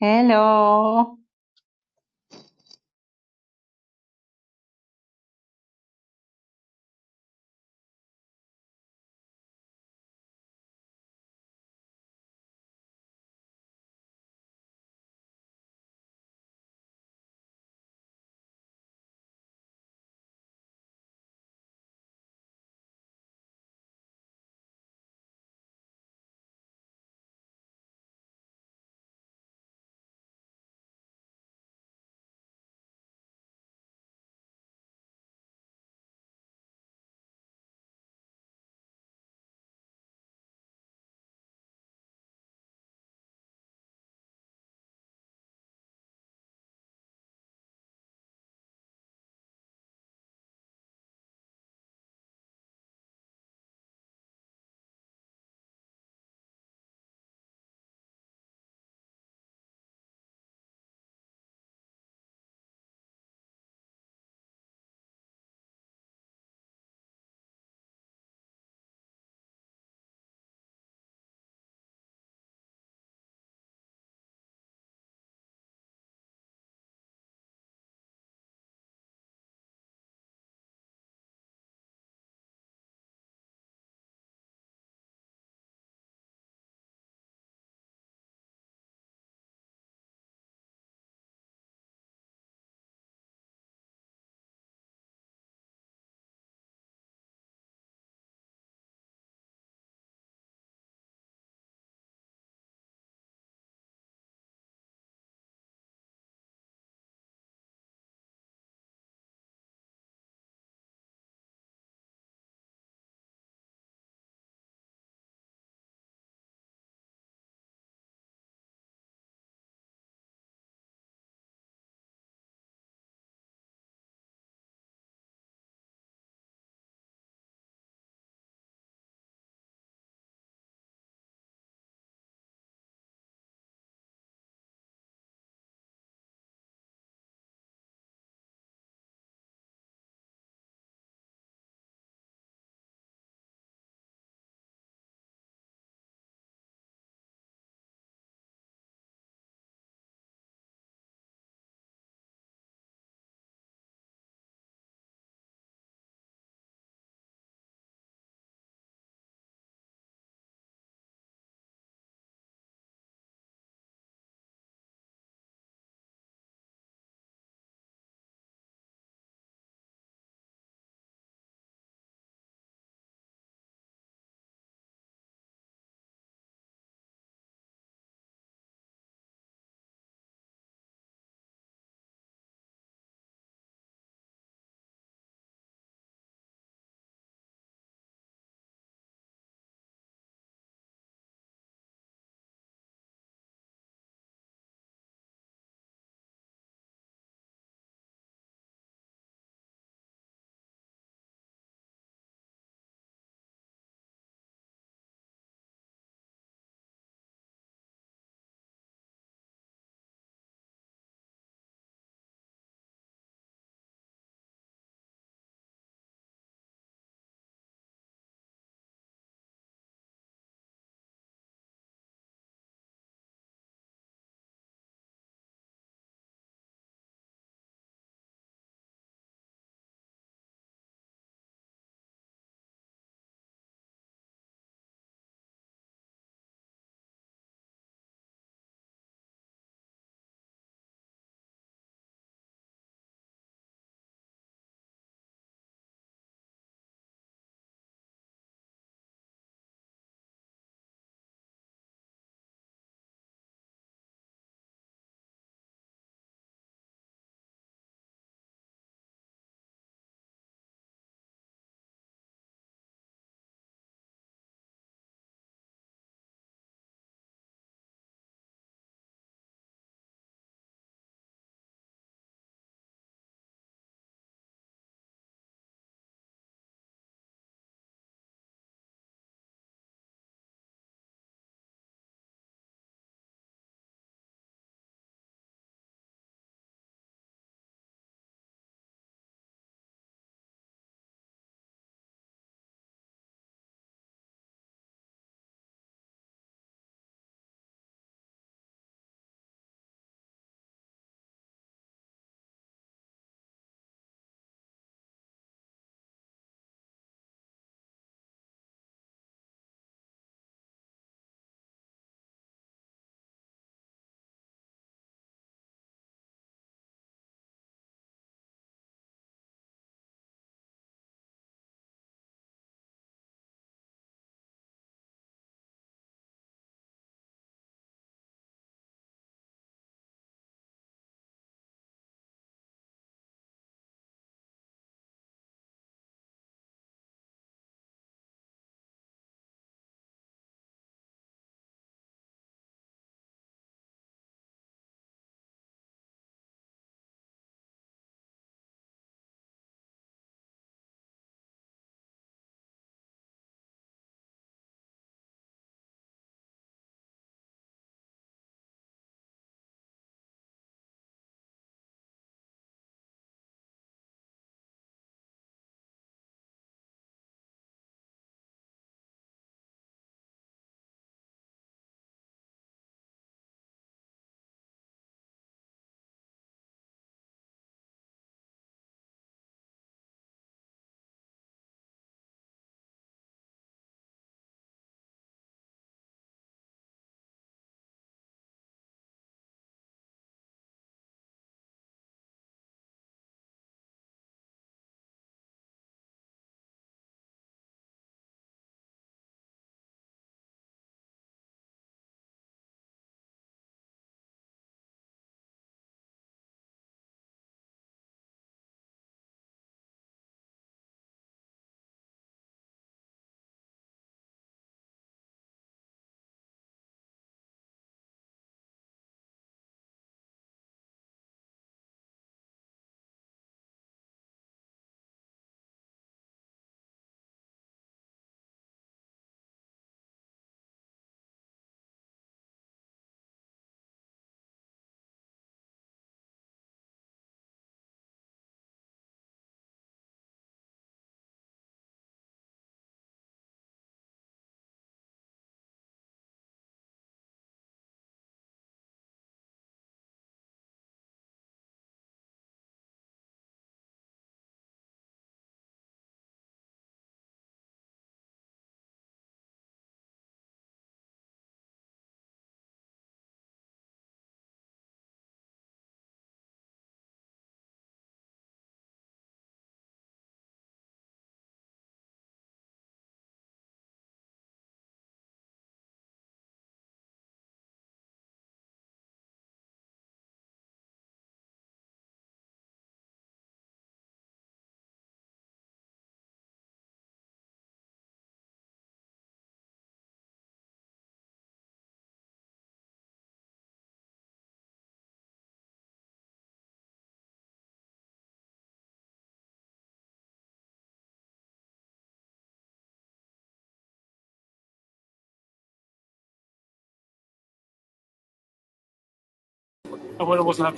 Hello.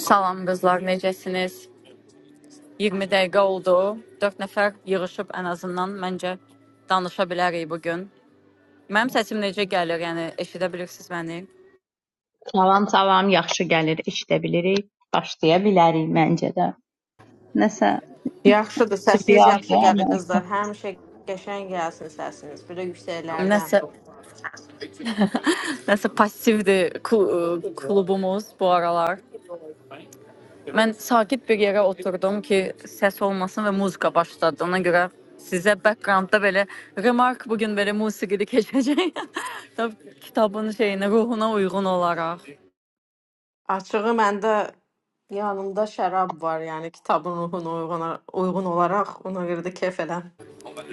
Salam qızlar, necəsiniz? 20 dəqiqə oldu. 4 nəfər yığılıb ən azından məncə danışa bilərik bu gün. Mənim səsim necə gəlir? Yəni eşidə bilirsiniz məni? Salam, salam. Yaxşı gəlir, eşidə bilirik. Başlaya bilərik məncə də. Nəsə Yaxşıdır, səsiniz yaxşı triyajdır gəlir amma. qızlar. Həmişə qəşəng gəlsin səsiniz. Belə yüksəklərdən. Nəsə nəsə passivdir klu- klubumuz bu aralar. Mən sakit bir yerə oturdum ki, səs olmasın və muzika başladı. Ona görə sizə backgroundda belə remark bu gün belə musiqili keçəcək. Tabii kitabın şeyinə, ruhuna uyğun olaraq. Açığı məndə yanımda şərab var, yəni kitabın ruhuna uyğun, uyğun olaraq ona görə də kef eləm.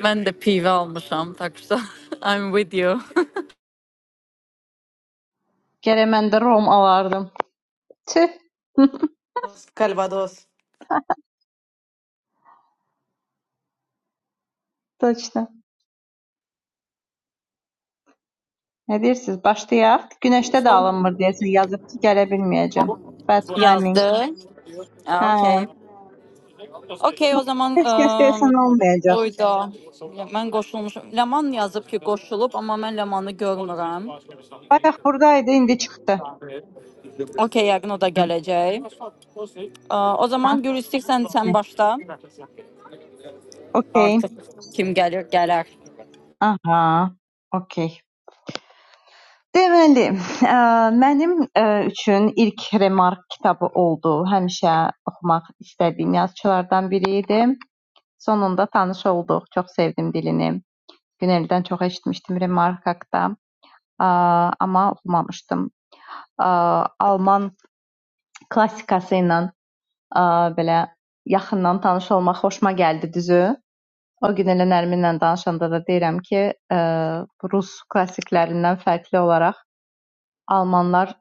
Ben de PV almışım taksa. I'm with you. Gərək mən də rom alardım. Tüh. Kalvados. Точно. Nə deyirsiniz? Başlayaq. Günəşdə də alınmır deyəsən. Yazıb ki, gələ bilməyəcəm. Bad timing. yazdı. Ha, Hə. Okey. Okey o zaman Heç kəs deyəsən ıı, olmayacaq. oydu. Ben koşulmuşum. Leman yazıp ki koşulup ama ben Leman'ı görmürəm. Bayaq buradaydı, indi çıxdı. Okey yakın o da gelecek. O Hə. zaman Gül istersen sen başla. Okey. Artık kim gelir gelir. Aha. Okey. Deməli, ə, mənim ə, üçün ilk Remark kitabı oldu. Həmişə oxumaq istədiyim yazıçılardan biri idi. Sonunda tanış olduq. Çox sevdim dilini. Güneldən çox eşitmişdim Remark haqqında, ə, amma oxumamışdım. Ə, Alman klassikası ilə ə, belə yaxından tanış olmaq xoşuma gəldi düzü. O gün elə Nərminlə danışanda da deyirəm ki, ə, rus klassiklərindən fərqli olaraq Almanlar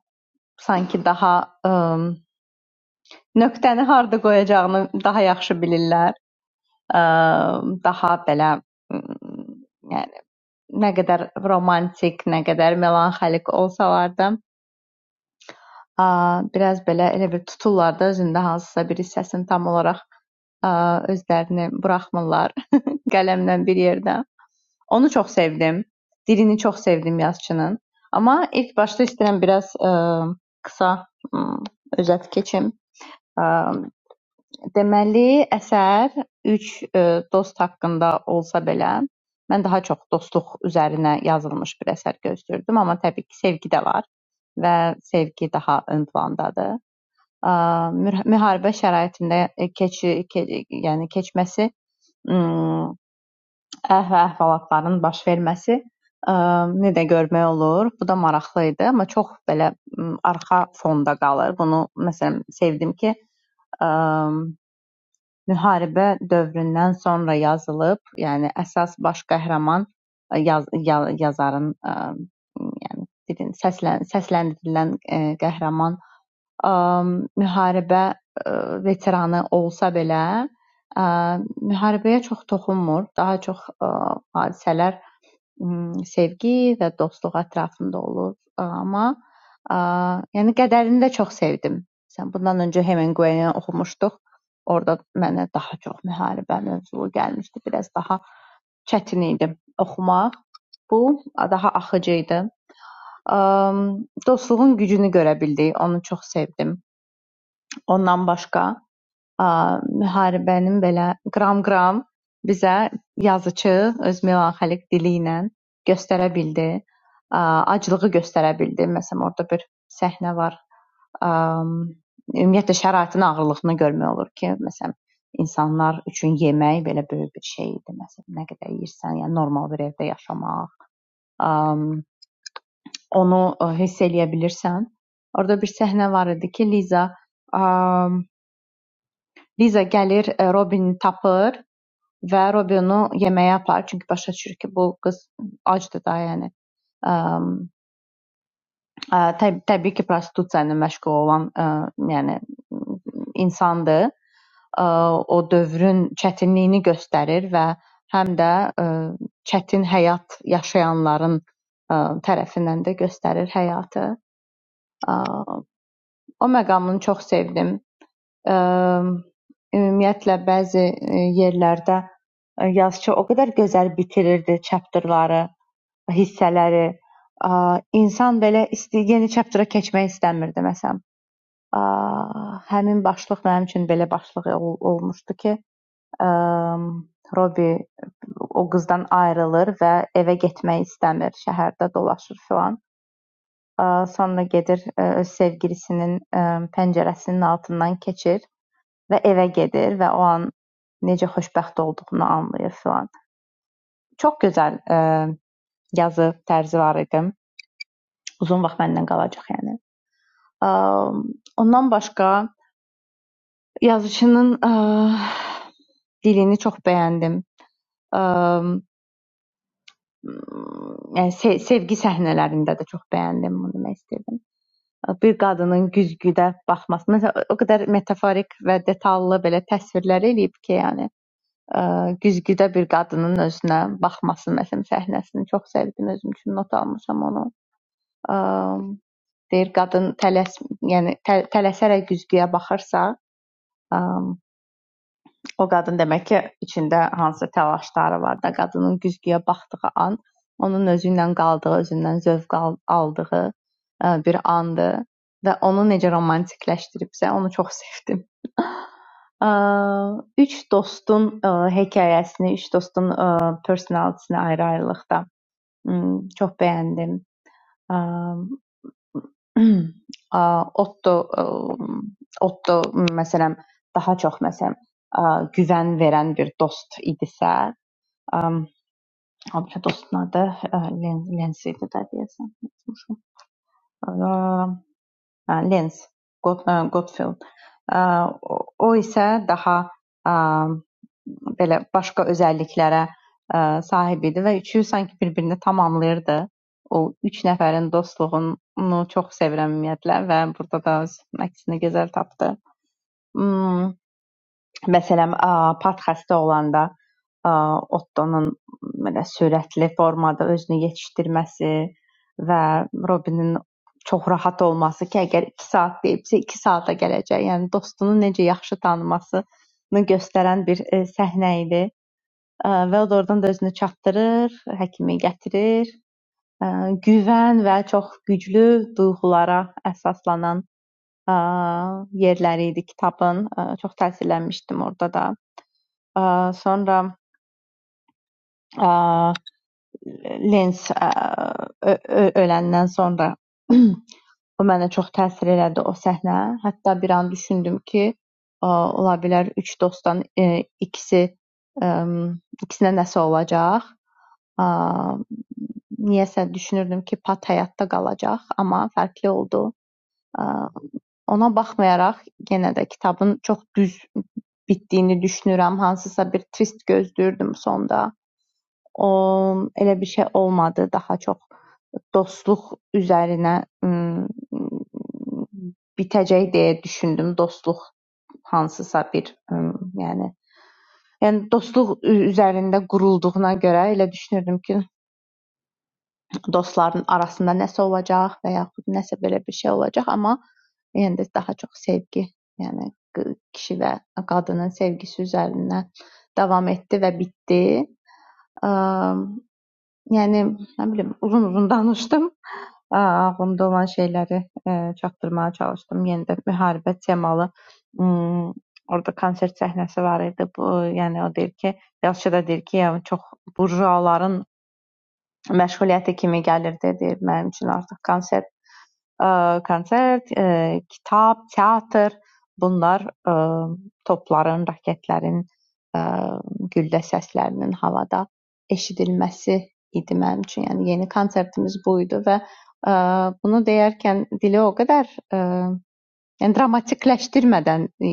sanki daha ım, nöqtəni harda qoyacağını daha yaxşı bilirlər. Iı, daha belə ım, yəni nə qədər romantik, nə qədər melanxolik olsalar da, a, biraz belə elə bir tuturlar da özündə hansısa bir hissəsini tam olaraq a, özlərini buraxmırlar qələmdən bir yerdə. Onu çox sevdim. Dilini çox sevdim yazıçının. Amma ilk başda istəyirəm biraz ə, qısa ə, özət keçim. Iı, Deməli, əsər üç e, dost haqqında olsa belə, mən daha çox dostluq üzərinə yazılmış bir əsər gözləyirdim, amma təbii ki, sevgi də var və sevgi daha ön plandadır. Aaa, müh- Müharibə şəraitində e, keçi, ke, yəni keçməsi, mm, əh və əhvalatların baş verməsi aaa, nə də görmək olur. Bu da maraqlı idi, amma çox belə mm, arxa fonda qalır. Bunu məsələn sevdim ki, ə, müharibə dövründən sonra yazılıb, yəni əsas baş qəhrəman ə, yaz, ya, yazarın ə, yəni dilin səslən, səsləndirilən ə, qəhrəman ə, müharibə ə, veteranı olsa belə ə, müharibəyə çox toxunmur. Daha çox ə, hadisələr ımm, sevgi və dostluq ətrafında olur, amma, aaa, yəni qədərini də çox sevdim. Məsələn, bundan öncə Hemingway-ni oxumuşduq. Orda mənə daha çox müharibə mövzulu gəlmişdi. Biraz daha çətin idi oxumaq. Bu daha axıcı idi. Amm, dostluğun gücünü görə bildik, onu çox sevdim. Ondan başqa ə, müharibənin belə qram-qram bizə yazıçı öz melanxolik dili ilə göstərə bildi. Ə, aclığı göstərə bildi. Məsələn, orada bir səhnə var. Ə, ümumiyyətlə şəraitin ağırlığını görmək olur ki, məsələn, insanlar üçün yemək belə böyük bir şey idi. Məsələn, nə qədər yeyirsən, yəni normal bir evdə yaşamaq, ə, onu ə, hiss eləyə bilirsən. Orada bir səhnə var idi ki, Liza ə, Liza gəlir, ə, Robini tapır Və Robinu yeməyə aparır, çünki başa düşür ki, bu qız acdır da, yəni. Əm, Ə, təb təbii ki, prostitusiya ilə məşğul olan, ə, yəni insandır. Ə, O dövrün çətinliyini göstərir və həm də ə, çətin həyat yaşayanların ə, tərəfindən də göstərir həyatı. Ə, O məqamını çox sevdim. Ümumiyyətlə bəzi e, yerlərdə e, yazıçı o qədər gözəl bitirirdi çapterları, hissələri, insan belə yeni çaptera keçmək istəmirdi məsələn. Həmin başlıq mənim üçün belə başlıq olmuşdu ki, e, Robi o qızdan ayrılır və evə getmək istəmir, şəhərdə dolaşır filan. Sonra gedir e, öz sevgilisinin e, pəncərəsinin altından keçir. Və evə gedir və o an necə xoşbəxt olduğunu anlayır filan. Çox gözəl ə, yazı tərzi var idi. Uzun vaxt məndən qalacaq yəni. Ə, ondan başqa yazıçının ə, dilini çox bəyəndim. Ə, yəni se sevgi səhnələrində də çox bəyəndim bunu demək istəyirdim. E, Bir qadının güzgüdə baxması, məsələn, o qədər metaforik və detallı belə təsvirlər eləyib ki, yəni ə, güzgüdə bir qadının özünə baxması məsələn səhnəsini çox sevdim özüm üçün not almışam onu. Ə, deyir qadın tələs yəni tə, tələsərək güzgüyə baxırsa, ə, o qadın demək ki, içində hansısa təlaşları var da, qadının güzgüyə baxdığı an onun özü ilə qaldığı, özündən zövq al- aldığı ə, bir andır və onu necə romantikləşdiribsə, onu çox sevdim. Üç dostun hekayəsini, üç dostun personality-ni ayrı-ayrılıqda çox bəyəndim. Otto Otto məsələn daha çox məsələn güvən verən bir dost idisə, o biri dostun adı Lensi idi də deyəsən unutmuşam. Lens Got- ə, Godfield. Ə, O o isə daha ə, belə başqa özəlliklərə ə, sahib idi və üçü sanki bir-birini tamamlayırdı. O üç nəfərin dostluğunu çox sevirəm ümumiyyətlə və burada da öz əksini gözəl tapdı. Hmm. Məsələn, a, pat xəstə olanda a, Ottonun belə sürətli formada özünü yetişdirməsi və Robinin çox rahat olması ki, əgər 2 saat deyibsə, 2 saata gələcək. Yəni dostunu necə yaxşı tanımasını göstərən bir e, səhnə idi. E, Və o da oradan da özünü çatdırır, həkimi gətirir. E, Güvən və çox güclü duyğulara əsaslanan e, yerləri idi kitabın. E, Çox təsirlənmişdim orada da. Ə, sonra ə, Lens ə, ö- ö- öləndən sonra o mənə çox təsir elədi o səhnə. Hətta bir an düşündüm ki, ə, ola bilər üç dostdan ə, ikisi ə, ikisinə nəsə olacaq. Ə, niyəsə düşünürdüm ki, Pat həyatda qalacaq, amma fərqli oldu. Ə, ona baxmayaraq yenə də kitabın çox düz bitdiyini düşünürəm. Hansısa bir twist gözləyirdim sonda. O elə bir şey olmadı, daha çox dostluq üzərinə ım, bitəcək deyə düşündüm. Dostluq hansısa bir, ım, yəni yəni dostluq üzərində qurulduğuna görə elə düşünürdüm ki, dostların arasında nəsə olacaq və yaxud nəsə belə bir şey olacaq, amma yəni də daha çox sevgi, yəni qı- kişi və qadının sevgisi üzərindən davam etdi və bitdi. Yəni, nə bilim, uzun-uzun danışdım. A ağlımda olan şeyləri, eee, çatdırmağa çalışdım. Yenə də müharibə temalı, ımm, orada konsert səhnəsi var idi. Bu, yəni o deyir ki, yazıçı da deyir ki, yəni çox burjuaların məşğuliyyəti kimi gəlirdi, deyir mənim üçün artıq konsert. Ə, konsert, ə, kitab, teatr, bunlar ə, topların, raketlərin ə, güllə səslərinin havada eşidilməsi idi mənim üçün. Yəni yeni konsertimiz bu idi və ə, bunu deyərkən dili o qədər ə, Yəni dramatikləşdirmədən e,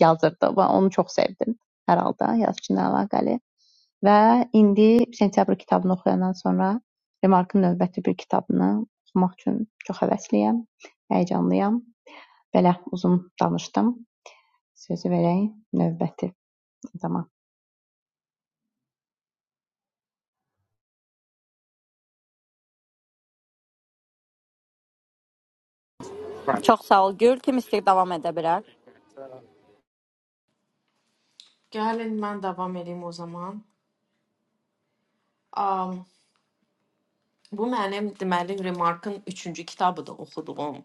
yazırdı və onu çox sevdim hər halda yazıçı ilə əlaqəli və indi sentyabr kitabını oxuyandan sonra Remarkın növbəti bir kitabını oxumaq üçün çox həvəsliyəm, həyəcanlıyam. Belə uzun danışdım. Sözü verək növbəti adama. Çok sağ ol Gül. Kim ister devam edebilir. Gəlin mən davam edeyim o zaman. Um, bu mənim deməli Remarkın 3-cü kitabıdır oxuduğum.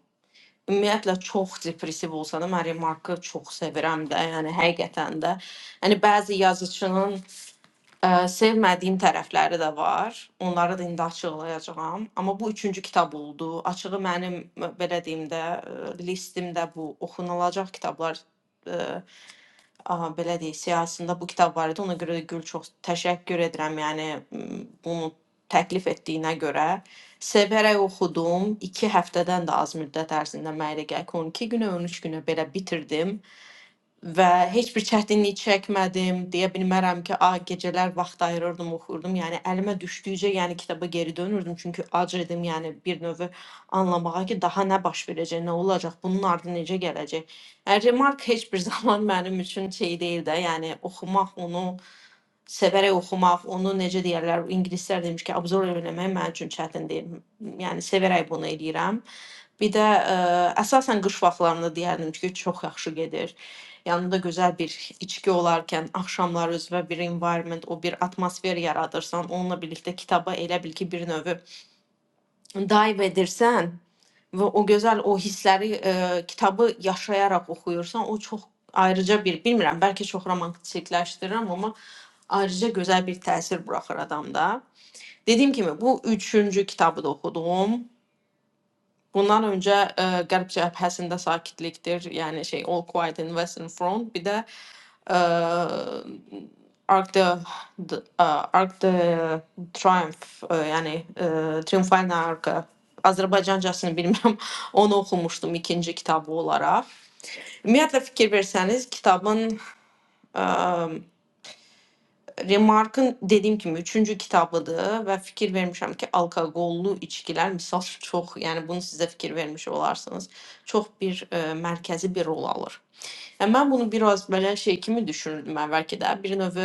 Ümumiyyətlə çox depressiv olsa da mən Remarkı çox sevirəm də, yəni həqiqətən də. Yəni bəzi yazıçının Ə, sevmədiyim tərəfləri də var. Onları da indi açıqlayacağam. Amma bu üçüncü kitab oldu. Açığı mənim m- belə deyim də ə, listimdə bu oxunulacaq kitablar ə, aha, belə deyək, siyahısında bu kitab var idi. Ona görə də Gül çox təşəkkür edirəm. Yəni m, bunu təklif etdiyinə görə sevərək oxudum. 2 həftədən də az müddət ərzində mənə elə gəlir ki, 12 günə, 13 günə belə bitirdim və heç bir çətinlik çəkmədim. Deyə bilmərəm ki, a gecələr vaxt ayırırdım, oxuyurdum. Yəni əlimə düşdükcə, yəni kitaba geri dönürdüm, çünki acır idim, yəni bir növ anlamağa ki, daha nə baş verəcək, nə olacaq, bunun ardı necə gələcək. Yəni Remark heç bir zaman mənim üçün şey deyil də, yəni oxumaq onu sevərək oxumaq, onu necə deyirlər, ingilislər demiş ki, absorb eləmək mənim üçün çətin deyil. Yəni sevərək bunu eləyirəm. Bir də ə, əsasən qış vaxtlarında deyərdim ki, çox yaxşı gedir. Yanında güzel bir içki olarkən axşamlar özünə bir environment, o bir atmosfer yaradırsan, onunla birlikdə kitaba elə bil ki, bir növ dive edirsən və o gözəl o hissləri e, kitabı yaşayaraq oxuyursan, o çox ayrıca bir, bilmirəm, bəlkə çox romantikləşdirirəm, amma ayrıca gözəl bir təsir buraxır adamda. Dediyim kimi bu 3-cü kitabı da oxudum. Bundan öncə ə, Qərb cəbhəsində sakitlikdir, yəni şey All Quiet in Western Front, bir də آه، ارك ذا ارك ذا ترايمف yəni e, Triumphal arka Azərbaycan cəsini bilmirəm. Onu oxumuşdum ikinci kitabı olaraq. Ümumiyyətlə fikir versəniz, kitabın ə, Remarkın dediyim kimi üçüncü kitabıdır və fikir vermişəm ki, alkoqollu içkilər misal çox, yəni bunu sizə fikir vermiş olarsınız, çox bir ə, mərkəzi bir rol alır. Yəni mən bunu biraz belə şey kimi düşünürdüm əvvəlki də. Bir növ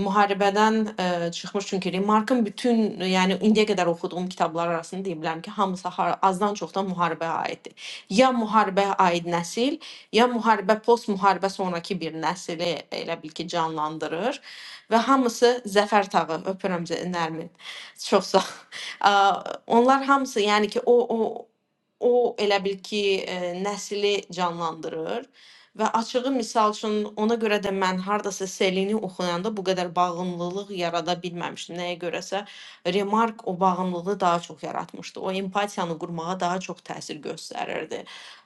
müharibədən ə, çıxmış çünki Remarkın bütün, yəni indiyə qədər oxuduğum kitablar arasında deyə bilərəm ki, hamısı har- azdan çoxdan müharibəyə aiddir. Ya müharibəyə aid nəsil, ya müharibə post müharibə sonrakı bir nəsli elə bil ki, canlandırır və hamısı zəfər tağı. Öpürəm Zə- Nərmin. Çox sağ. Ə, onlar hamısı yəni ki, o o o elə bil ki, ə, nəsli canlandırır Və açığı misal üçün ona görə də mən hardasa Selini oxuyanda bu qədər bağımlılıq yarada bilməmişdim. Nəyə görəsə Remark o bağımlılığı daha çox yaratmışdı. O empatiyanı qurmağa daha çox təsir göstərirdi.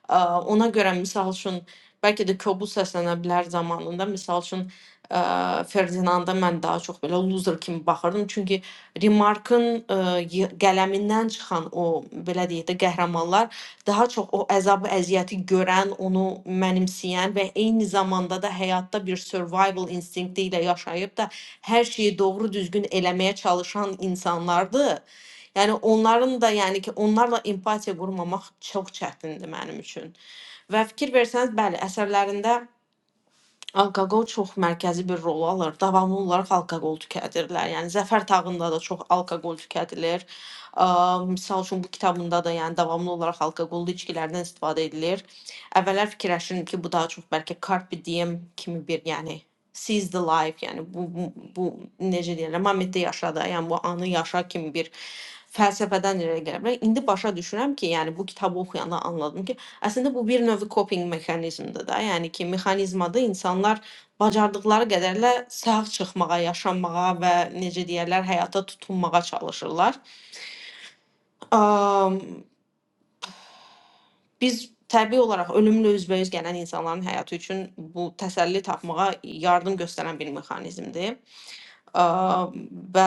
Ə, Ona görə misal üçün bəlkə də kobud səslənə bilər zamanında misal üçün ə, Ferdinanda mən daha çox belə loser kimi baxırdım. Çünki Remarkın ə, y- qələmindən çıxan o belə deyək də qəhrəmanlar daha çox o əzabı, əziyyəti görən, onu mənimsəyən və eyni zamanda da həyatda bir survival instinkti ilə yaşayıb da hər şeyi doğru düzgün eləməyə çalışan insanlardır. Yəni onların da, yəni ki, onlarla empatiya qurmamaq çox çətindir mənim üçün. Və fikir versəniz, bəli, əsərlərində Alkoqol çox mərkəzi bir rol alır. Davamlı olaraq alkoqol tükədirlər. Yəni Zəfər tağında da çox alkoqol tükədilir. Aaa, misal üçün bu kitabında da, yəni davamlı olaraq alkoqollu içkilərdən istifadə edilir. Əvvəllər fikirləşirdim ki, bu daha çox bəlkə Carpe Diem kimi bir, yəni seize the life, yəni bu bu, bu necə deyirlər, momentdə yaşa da, yəni bu anı yaşa kimi bir fəlsəfədən irəli gələ bilər. İndi başa düşürəm ki, yəni bu kitabı oxuyanda anladım ki, Əslində bu bir növ coping mexanizmidir də. Yəni ki, mexanizmada insanlar bacardıqları qədərlə sağ çıxmağa, yaşamağa və necə deyərlər, həyata tutunmağa çalışırlar. Am, Biz təbii olaraq ölümlə üzbəüz gələn insanların həyatı üçün bu təsəlli tapmağa yardım göstərən bir mexanizmdir. Ə, və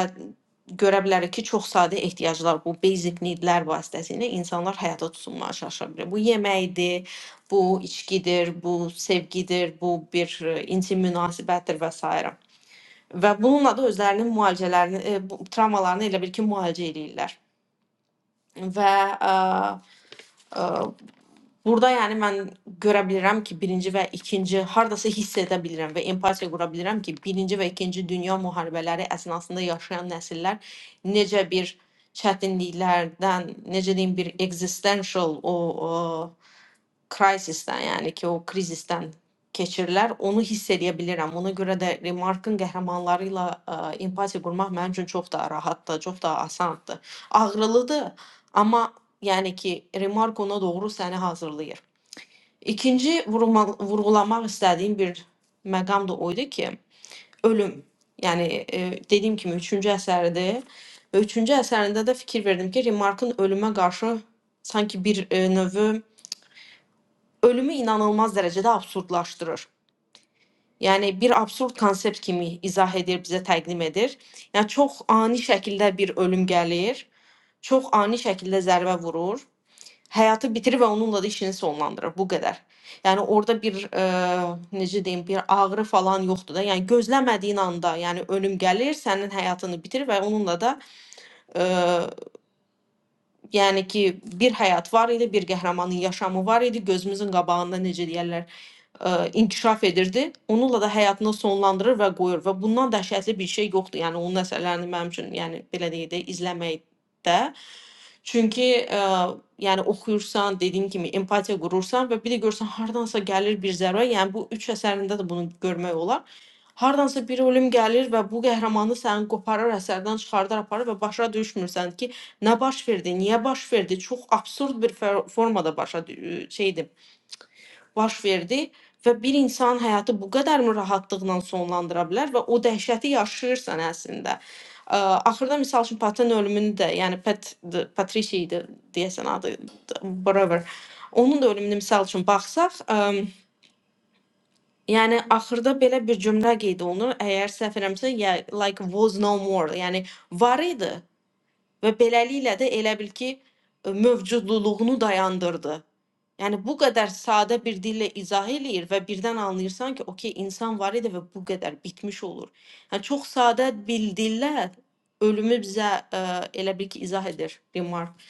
görə bilərik ki, çox sadə ehtiyaclar, bu basic need-lər vasitəsilə insanlar həyata tutunmağa çalışa bilər. Bu yeməkdir, bu içkidir, bu sevgidir, bu bir e, intim münasibətdir və s. Və bununla da özlərinin müalicələrini, e, bu- travmalarını elə bil ki, müalicə eləyirlər. Və ə, Burada yəni mən görə bilirəm ki, birinci və ikinci hardasa hiss edə bilirəm və empatiya qura bilirəm ki, birinci və ikinci dünya müharibələri əsnasında yaşayan nəsillər necə bir çətinliklərdən, necə deyim, bir existential o, o crisisdən, yəni ki, o krizisdən keçirlər. Onu hiss edə bilirəm. Ona görə də Remarkın qəhrəmanları ilə ə, empatiya qurmaq mənim üçün çox da rahatdır, çox da asandır. Ağrılıdır, amma yəni ki, remark ona doğru səni hazırlayır. İkinci vurma, vurğulamaq istədiyim bir məqam da o idi ki, ölüm. Yəni e, dediyim kimi üçüncü əsərdir. Və üçüncü əsərində də fikir verdim ki, Remarkın ölümə qarşı sanki bir e, növ ölümü inanılmaz dərəcədə absurdlaşdırır. Yəni bir absurd konsept kimi izah edir, bizə təqdim edir. Yəni çox ani şəkildə bir ölüm gəlir, çox ani şəkildə zərbə vurur həyatı bitirir və onunla da işini sonlandırır. Bu qədər. Yəni orada bir e, necə deyim, bir ağrı falan yoxdur da. Yəni gözləmədiyin anda, yəni ölüm gəlir, sənin həyatını bitirir və onunla da e, yəni ki, bir həyat var idi, bir qəhrəmanın yaşamı var idi gözümüzün qabağında necə deyirlər ə, inkişaf edirdi. Onunla da həyatını sonlandırır və qoyur və bundan dəhşətli bir şey yoxdur. Yəni onun əsərlərini mənim üçün, yəni belə deyək də izləməkdə Çünki ə, yəni oxuyursan, dediyim kimi empatiya qurursan və bir də görsən hardansa gəlir bir zərbə, yəni bu üç əsərində də bunu görmək olar. Hardansa bir ölüm gəlir və bu qəhrəmanı səni qoparır, əsərdən çıxardar aparır və başa düşmürsən ki, nə baş verdi, niyə baş verdi? Çox absurd bir fə- formada başa dü- şeydir baş verdi və bir insanın həyatı bu qədərmi rahatlıqla sonlandıra bilər və o dəhşəti yaşayırsan əslində. Ə, axırda məsəl üçün Patın ölümünü də, yəni Pat Patricia idi deyəsən adı, whatever. Onun da ölümünü məsəl üçün baxsaq, ə, yəni axırda belə bir cümlə qeyd olunur. Əgər səhv eləmirəmsə, yeah, like was no more. Yəni var idi Və beləliklə də elə bil ki, e, mövcudluğunu dayandırdı. Yəni bu qədər sadə bir dillə izah eləyir və birdən anlayırsan ki, okey, insan var idi və bu qədər bitmiş olur. Yəni çox sadə bir dillə ölümü bizə ə, elə bil ki, izah edir Remark.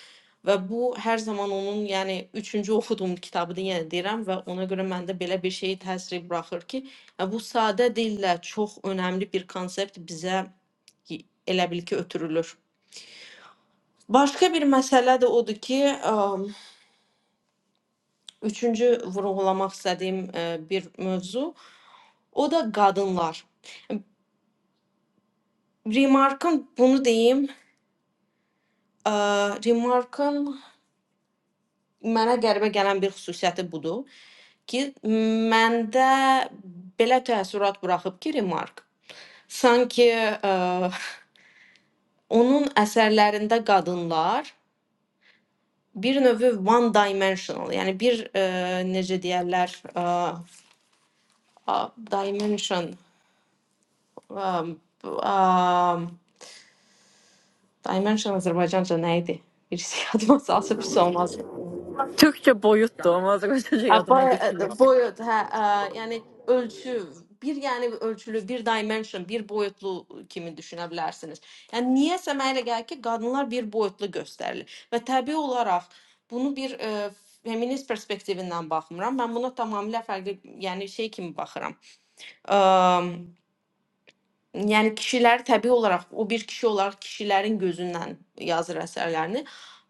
Və bu hər zaman onun, yəni üçüncü oxuduğum kitabıdır, yenə deyirəm və ona görə məndə belə bir şey təsir buraxır ki, yəni, bu sadə dillə çox önəmli bir konsept bizə elə bil ki, ötürülür. Başqa bir məsələ də odur ki, əm, üçüncü vurğulamaq istədiyim ə, bir mövzu, o da qadınlar. Remarkın bunu deyim, ə, Remarkın mənə qəribə gələn bir xüsusiyyəti budur ki, məndə belə təəssürat buraxıb ki, Remark sanki ə, onun əsərlərində qadınlar bir növ one dimensional, yəni bir ə, necə deyirlər, ə, a- dimension Um, um, I mentioned Azərbaycan idi? Birisi yadıma salsa pis olmaz. Türkçe boyuttu ama az önce şey A, adıma Boy, düşmüyor. boyut, hə, ə, yəni ölçü, bir yəni ölçülü, bir dimension, bir boyutlu kimi düşünə bilərsiniz. Yəni niyəsə mənə elə gəlir ki, qadınlar bir boyutlu göstərilir və təbii olaraq bunu bir ə, feminist perspektivindən baxmıram. Mən buna tamamilə fərqli, yəni şey kimi baxıram. Əm, Yəni kişilər təbii olaraq o bir kişi olaraq kişilərin gözündən yazır əsərlərini.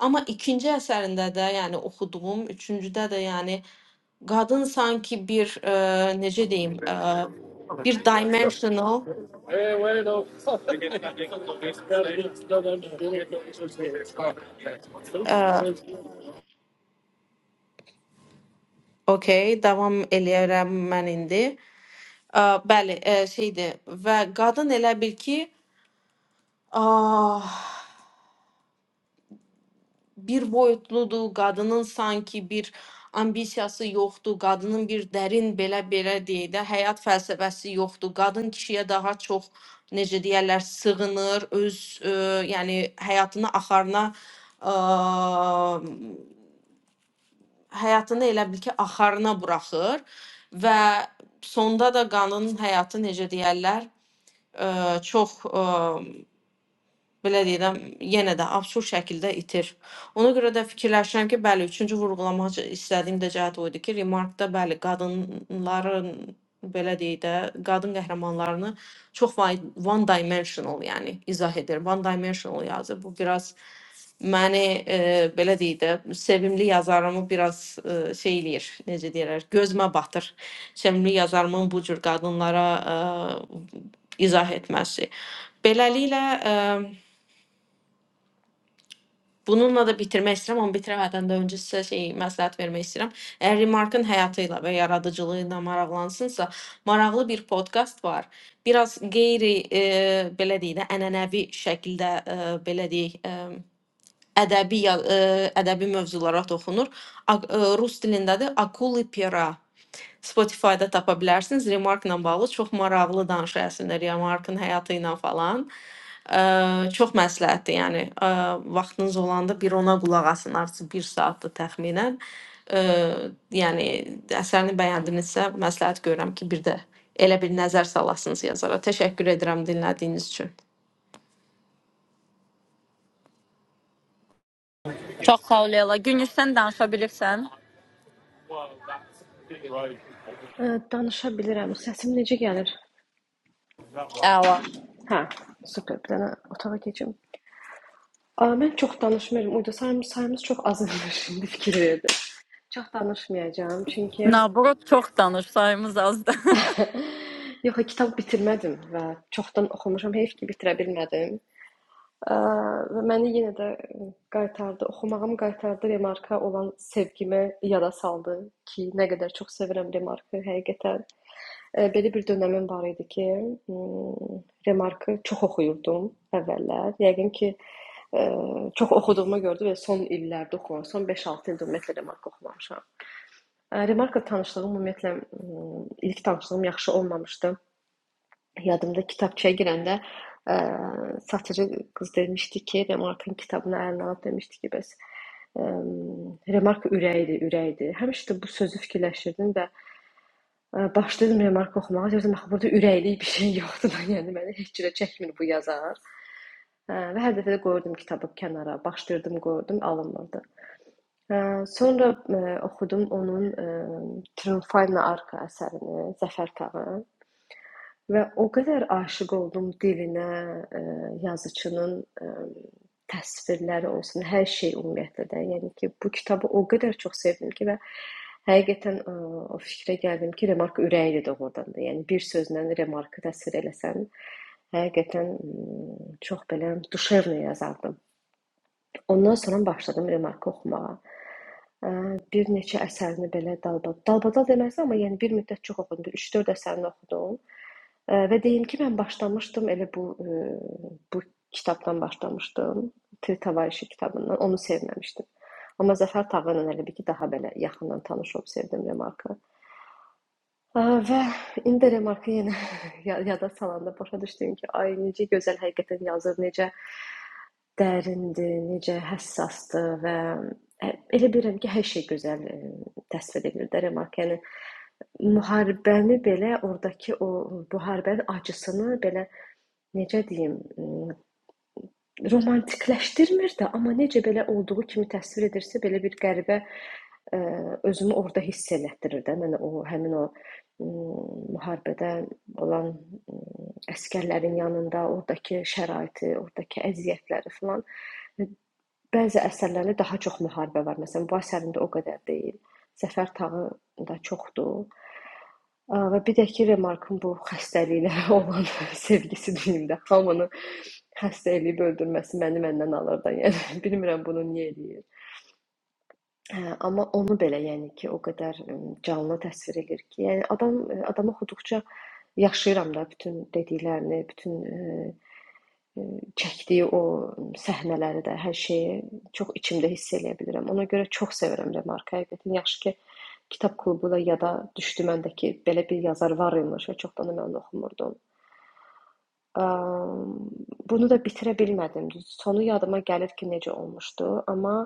Amma ikinci əsərində də, yəni oxuduğum, üçüncüdə də, yəni qadın sanki bir ə, necə deyim, ə, bir dimensional ə, okay, davam eləyərəm mən indi. Ə, bəli, ə, şeydir və qadın elə bil ki, ah, bir boyutludur, qadının sanki bir ambisiyası yoxdur, qadının bir dərin belə belə deyək də həyat fəlsəfəsi yoxdur. Qadın kişiyə daha çox necə deyərlər, sığınır, öz ə, yəni həyatını axarına ə, həyatını elə bil ki, axarına buraxır və sonda da qadının həyatı necə deyərlər, ə, çox ə, belə deyirəm, yenə də absurd şəkildə itir. Ona görə də fikirləşirəm ki, bəli, üçüncü vurğulamaq istədiyim də cəhət o idi ki, remarkda bəli, qadınların belə deyək də, qadın qəhrəmanlarını çox vay- one dimensional, yəni izah edir. One dimensional yazır. Bu biraz məni e, belə deyək də, sevimli yazarımı biraz e, şey eləyir, necə deyirlər, gözmə batır. Sevimli yazarımın bu cür qadınlara e, izah etməsi. Beləliklə e, Bununla da bitirmək istəyirəm, amma bitirəmədən də öncə sizə şey məsləhət vermək istəyirəm. Əgər Remarkın həyatı ilə və yaradıcılığı ilə maraqlansınsa, maraqlı bir podkast var. Biraz qeyri e, belə deyək də ənənəvi şəkildə e, belə deyək e, ədəbi ya- e, ədəbi mövzulara toxunur. A, e, rus dilindədir. Akuli Pera Spotify-da tapa bilərsiniz. Remarkla bağlı çox maraqlı danışır əslində Remarkın həyatı ilə falan. Ə, çox məsləhətdir, yəni ə, vaxtınız olanda bir ona qulaq asın, artıq 1 saatdır təxminən. Ə, yəni əsərini bəyəndinizsə, məsləhət görürəm ki, bir də elə bir nəzər salasınız yazara. Təşəkkür edirəm dinlədiyiniz üçün. Çok sağ ol Leyla. Gül sen danışabilirsen. Ə, danışa bilirəm. Səsim necə gəlir? Əla. Hə, super. Bir dənə otağa keçim. Ə, mən çox danışmıram. Uyda sayımız, sayımız çox azalmış indi fikir verdim. Çox danışmayacağam çünki Nabrot çox danış, sayımız azdır. yox, kitab bitirmədim və çoxdan oxumuşam. Heyf ki, bitirə bilmədim. Ə, və məni yenə də qaytardı, oxumağım qaytardı remarka olan sevgimi yada saldı ki, nə qədər çox sevirəm remarkı həqiqətən. Belə bir dönəmim var idi ki, ımm, remarkı çox oxuyurdum əvvəllər. Yəqin ki, eee, çox oxuduğuma görə də belə son illərdə oxumuşam, son 5-6 ildir ümumiyyətlə remark oxumamışam. Ə, Remarka tanışlığım ümumiyyətlə ımm, ilk tanışlığım yaxşı olmamışdı. Yadımda kitabçaya girəndə, eee, satıcı qız demişdi ki, Remarkın kitabını əlinə alıb demişdi ki, bəs, emm, Remark ürəkdir, ürəkdir. Həmişə də bu sözü fikirləşirdim və Ə, Başladım remarka oxumağa. Deyirdim axı burada ürəkli bir şey yoxdur da, yəni məni heç cürə çəkmir bu yazar. Hə, və hər dəfə də qoyurdum kitabı kənara, başdırdım, qoyurdum, alınmırdı. Hə, sonra ə, oxudum onun ə, Triumphal Arka əsərini, Zəfər Tağı. Və o qədər aşiq oldum dilinə, eee, yazıçının, emm, təsvirləri olsun, hər şey ümumiyyətlə də. Yəni ki, bu kitabı o qədər çox sevdim ki və həqiqətən, eee, o fikrə gəldim ki, Remark ürəyidir doğrudan da. Yəni bir sözlə Remarkı təsvir eləsən, həqiqətən, ımm, çox belə duşevno yazardım. Ondan sonra başladım Remarkı oxumağa. Bir neçə əsərini belə dalbadal, dalbadal deməzdim, amma yəni bir müddət çox oxudum, bir 3-4 əsərini oxudum. Ə, Və deyim ki, mən başlamışdım elə bu ə, bu kitabdan başlamışdım. Tir Tavareşi kitabından. Onu sevməmişdim. Amma Zəfər Tağı ilə elə bir ki, daha belə yaxından tanış olub sevdim Remarkı. Ə, Və indi də Remarkı yenə ya- yada salanda başa düşdüm ki, ay necə gözəl həqiqətən yazır, necə dərindir, necə həssasdır və ə, elə bilirəm ki, hər şey gözəl ə, təsvir edilir də Remark. Yəni müharibəni belə oradakı o müharibənin acısını belə necə deyim, m, romantikləşdirmir də, amma necə belə olduğu kimi təsvir edirsə, belə bir qəribə ə, özümü orada hiss elətdirir də. Mən o həmin o m, müharibədə olan m, əskərlərin yanında ordakı şəraiti, ordakı əziyyətləri filan bəzi əsərlərdə daha çox müharibə var. Məsələn, bu əsərində o qədər deyil. Zəfər tağı da çoxdur. Ə, Və bir də ki, Remarkın bu xəstəliklə olan sevgisi deyim də, hamını Xəstə eləyib öldürməsi məni məndən alır da, yəni bilmirəm bunu niyə eləyir. Hə, amma onu belə yəni ki, o qədər ım, canlı təsvir edir ki, yəni adam adam oxuduqca yaşayıram da bütün dediklərini, bütün ə, ə, çəkdiyi o səhnələri də, hər şeyi çox içimdə hiss eləyə bilirəm. Ona görə çox sevirəm Remarka. Həqiqətən yaxşı ki, kitab klubu da yada düşdü məndəki belə bir yazar var imiş və çoxdan da mən oxumurdum. Am, bunu da bitirə bilmədim. Düz sonu yadıma gəlir ki, necə olmuşdu, amma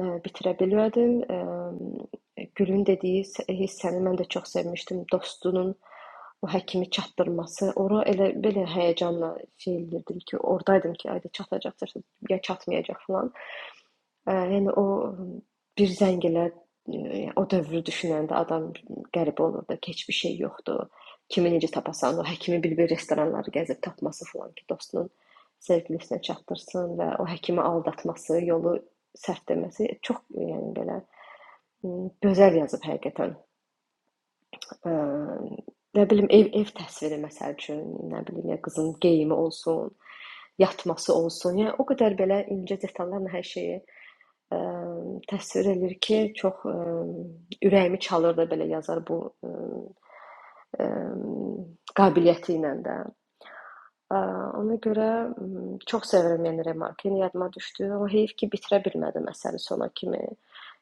e, bitirə bilmədim. Em, Gülün dediyi s- hissəni mən də çox sevmişdim. Dostunun o həkimi çatdırması, ora elə belə həyəcanla şey edirdim ki, ordaydım ki, ayda çatacaq, çatacaq, ya çatmayacaq filan. Ə, yəni o ım, bir zəng elə ə, o dövrü düşünəndə adam qəribə olur da, heç bir şey yoxdur. Kimi necə tapasan, o həkimi bir-bir restoranları gəzib tapması falan ki, dostunun sevgilisinə çatdırsın və o həkimi aldatması, yolu səhv deməsi çox yəni belə ım, gözəl yazıb həqiqətən. Ə, Nə bilim ev ev təsviri məsəl üçün, nə bilim ya qızın geyimi olsun, yatması olsun. Yəni o qədər belə incə detallarla hər şeyi Əm, təsvir eləyir ki, çox əm, ürəyimi çalırdı belə yazar bu əm, əm, qabiliyyəti ilə də. Ə, Ona görə m, çox sevirəm yəni Remarkin yadıma düşdü, amma heyf ki, bitirə bilmədim əsəri sona kimi.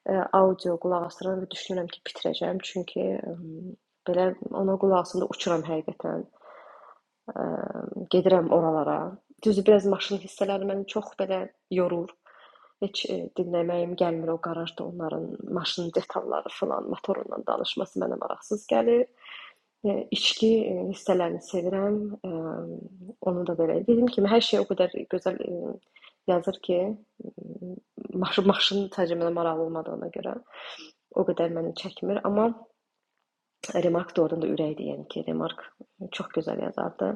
Ə, Audio qulaq asıram və düşünürəm ki, bitirəcəm, çünki əm, belə ona qulaq asanda uçuram həqiqətən. Ə, Gedirəm oralara. Düzü biraz maşın hissələri məni çox belə yorur. Heç dinləməyim gəlmir o qarajda onların maşının detalları filan, motorundan danışması mənə maraqsız gəlir. E, İçki e, hissələrini sevirəm. E, Onu da belə. Dediyim kimi hər şey o qədər gözəl e, yazır ki, maşın maşının sadəcə mənə maraqlı olmadığına görə o qədər məni çəkmir, amma Remark doğrudan da ürəkdir, yəni ki, Remark çox gözəl yazardı